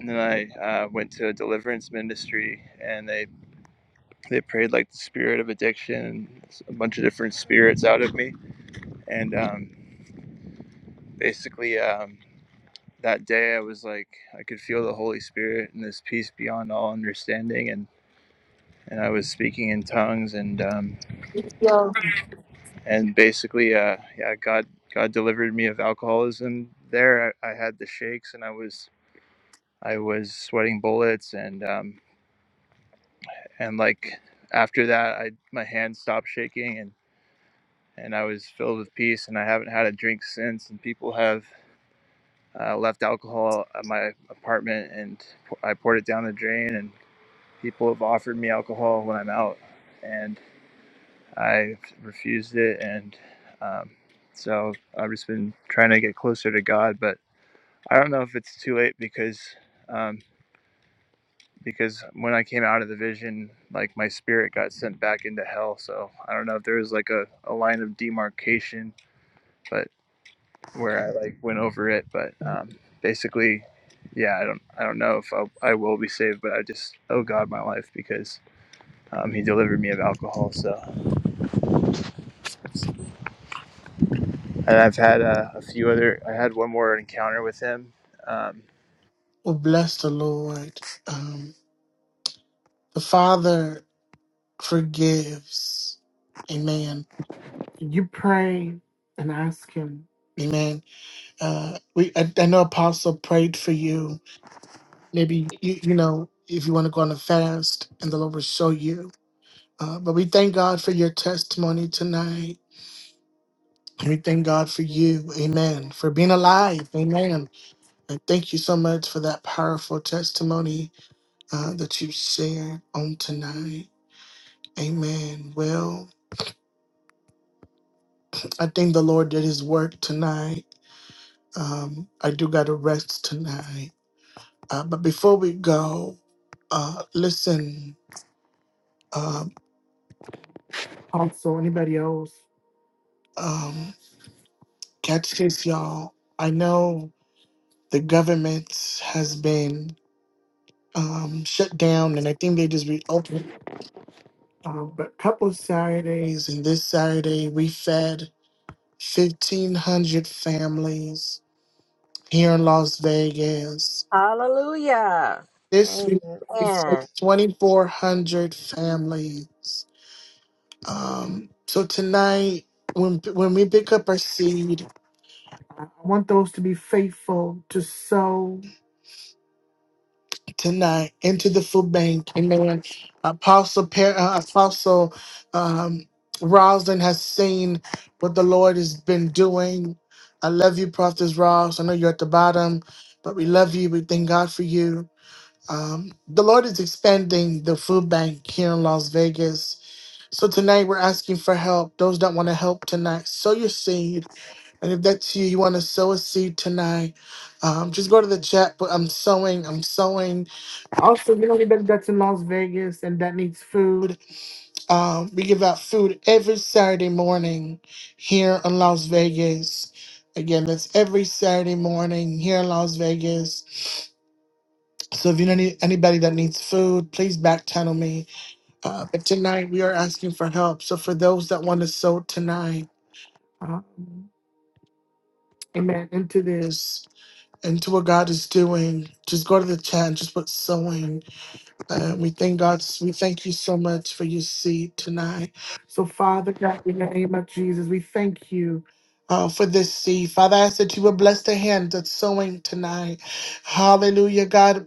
S8: and then i uh, went to a deliverance ministry and they they prayed like the spirit of addiction and a bunch of different spirits out of me and um, basically um, that day i was like i could feel the holy spirit and this peace beyond all understanding and and i was speaking in tongues and um, and basically uh, yeah god god delivered me of alcoholism there I, I had the shakes and i was i was sweating bullets and um, and like after that i my hands stopped shaking and and i was filled with peace and i haven't had a drink since and people have uh, left alcohol at my apartment and I poured it down the drain. And people have offered me alcohol when I'm out, and I refused it. And um, so I've just been trying to get closer to God, but I don't know if it's too late because um, because when I came out of the vision, like my spirit got sent back into hell. So I don't know if there was like a, a line of demarcation, but. where I like went over it, but um, basically, yeah, I don't I don't know if I'll, I will be saved, but I just owe God my life because um, He delivered me of alcohol. So, and I've had uh, a few other. I had one more encounter with Him. Um,
S1: Well, bless the Lord. Um, the Father forgives. Amen. You pray and ask Him. Amen. Uh, we I, I know Apostle prayed for you. Maybe you you know if you want to go on a fast, and the Lord will show you. Uh, but we thank God for your testimony tonight. We thank God for you. Amen. For being alive. Amen. And thank you so much for that powerful testimony uh, that you shared on tonight. Amen. Well, I think the Lord did his work tonight. Um, I do got to rest tonight. Uh, but before we go, uh, listen, um, also, anybody else? Um, catch this, y'all. I know the government has been um, shut down, and I think they just reopened Um, but a couple of Saturdays, and this Saturday we fed 1,500 families here in Las Vegas.
S2: Hallelujah.
S1: This week we
S2: Amen.
S1: fed 2,400 families. Um, so tonight, when when we pick up our seed, I want those to be faithful to sow tonight into the food bank. Amen. Apostle per- uh, Apostle um, Roslyn has seen what the Lord has been doing. I love you, Prophet Ross. I know you're at the bottom, but we love you. We thank God for you. Um, the Lord is expanding the food bank here in Las Vegas. So tonight we're asking for help. Those that want to help tonight, sow your seed. And if that's you, you want to sow a seed tonight, um, just go to the chat. But I'm sowing. I'm sowing. Also, you know, anybody that's in Las Vegas and that needs food, um, we give out food every Saturday morning here in Las Vegas. Again, that's every Saturday morning here in Las Vegas. So if you know any, anybody that needs food, please back channel me. Uh, but tonight we are asking for help. So for those that want to sow tonight, uh, amen, into this. into what God is doing, just go to the chat and just put sowing. And we thank God. We thank you so much for your seed tonight. So, Father God, in the name of Jesus, we thank you. Uh, for this seed, Father, I ask that you would bless the hand that's sowing tonight. Hallelujah, God.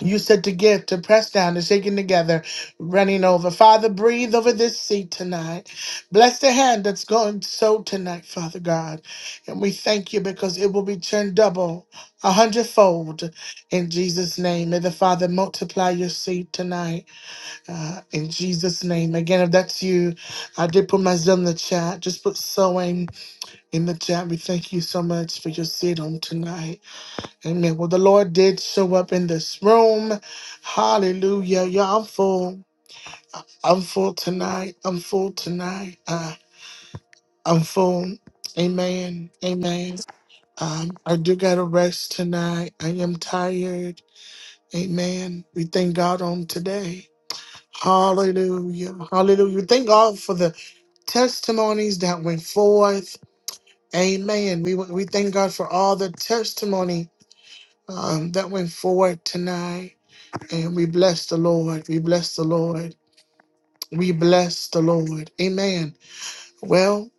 S1: You said to give, to press down, to shaking together, running over. Father, breathe over this seat tonight. Bless the hand that's going so tonight, Father God. And we thank you because it will be turned double, a hundredfold. In Jesus' name, may the Father multiply your seed tonight. Uh, in Jesus' name. Again, if that's you, I did put my Zim in the chat. Just put sowing in the chat. We thank you so much for your seed on tonight. Amen. Well, the Lord did show up in this room. Hallelujah. Yeah, I'm full. I- I'm full tonight. I'm full tonight. Uh, I'm full. Amen. Amen. Um, I do got to rest tonight. I am tired. Amen. We thank God on today. Hallelujah. Hallelujah. We thank God for the testimonies that went forth. Amen. We, we thank God for all the testimony um, that went forward tonight. And we bless the Lord. We bless the Lord. We bless the Lord. Amen. Well,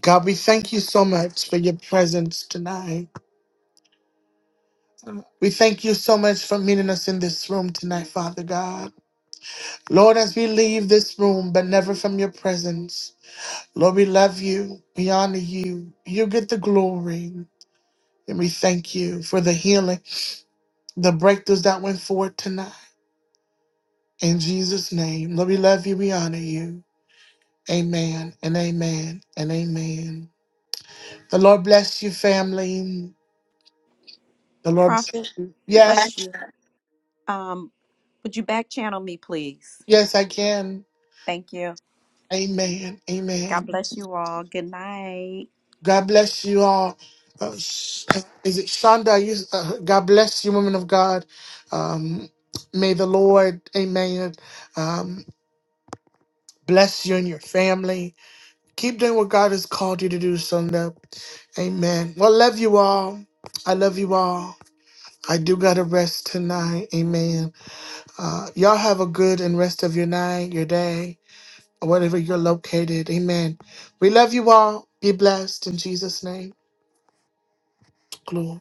S1: God, we thank you so much for your presence tonight. We thank you so much for meeting us in this room tonight, Father God. Lord, as we leave this room, but never from your presence, Lord, we love you. We honor you. You get the glory. And we thank you for the healing, the breakthroughs that went forward tonight. In Jesus' name, Lord, we love you. We honor you. Amen and amen and amen. The Lord bless you, family. The Lord,
S5: Prophet, bless
S1: yes,
S5: you. Um, would you back channel me, please?
S1: yes, I can.
S5: Thank you.
S1: Amen,
S5: God
S1: amen.
S5: bless you all. Good night.
S1: God bless you all. Uh, Sh- is it Shonda? You, uh, God bless you, women of God. Um, may the Lord, amen, um, bless you and your family. Keep doing what God has called you to do, Shonda. Amen. Well, love you all. I love you all. I do gotta rest tonight. Amen. Uh, y'all have a good and rest of your night, your day, or wherever you're located. Amen. We love you all. Be blessed in Jesus' name. Glory.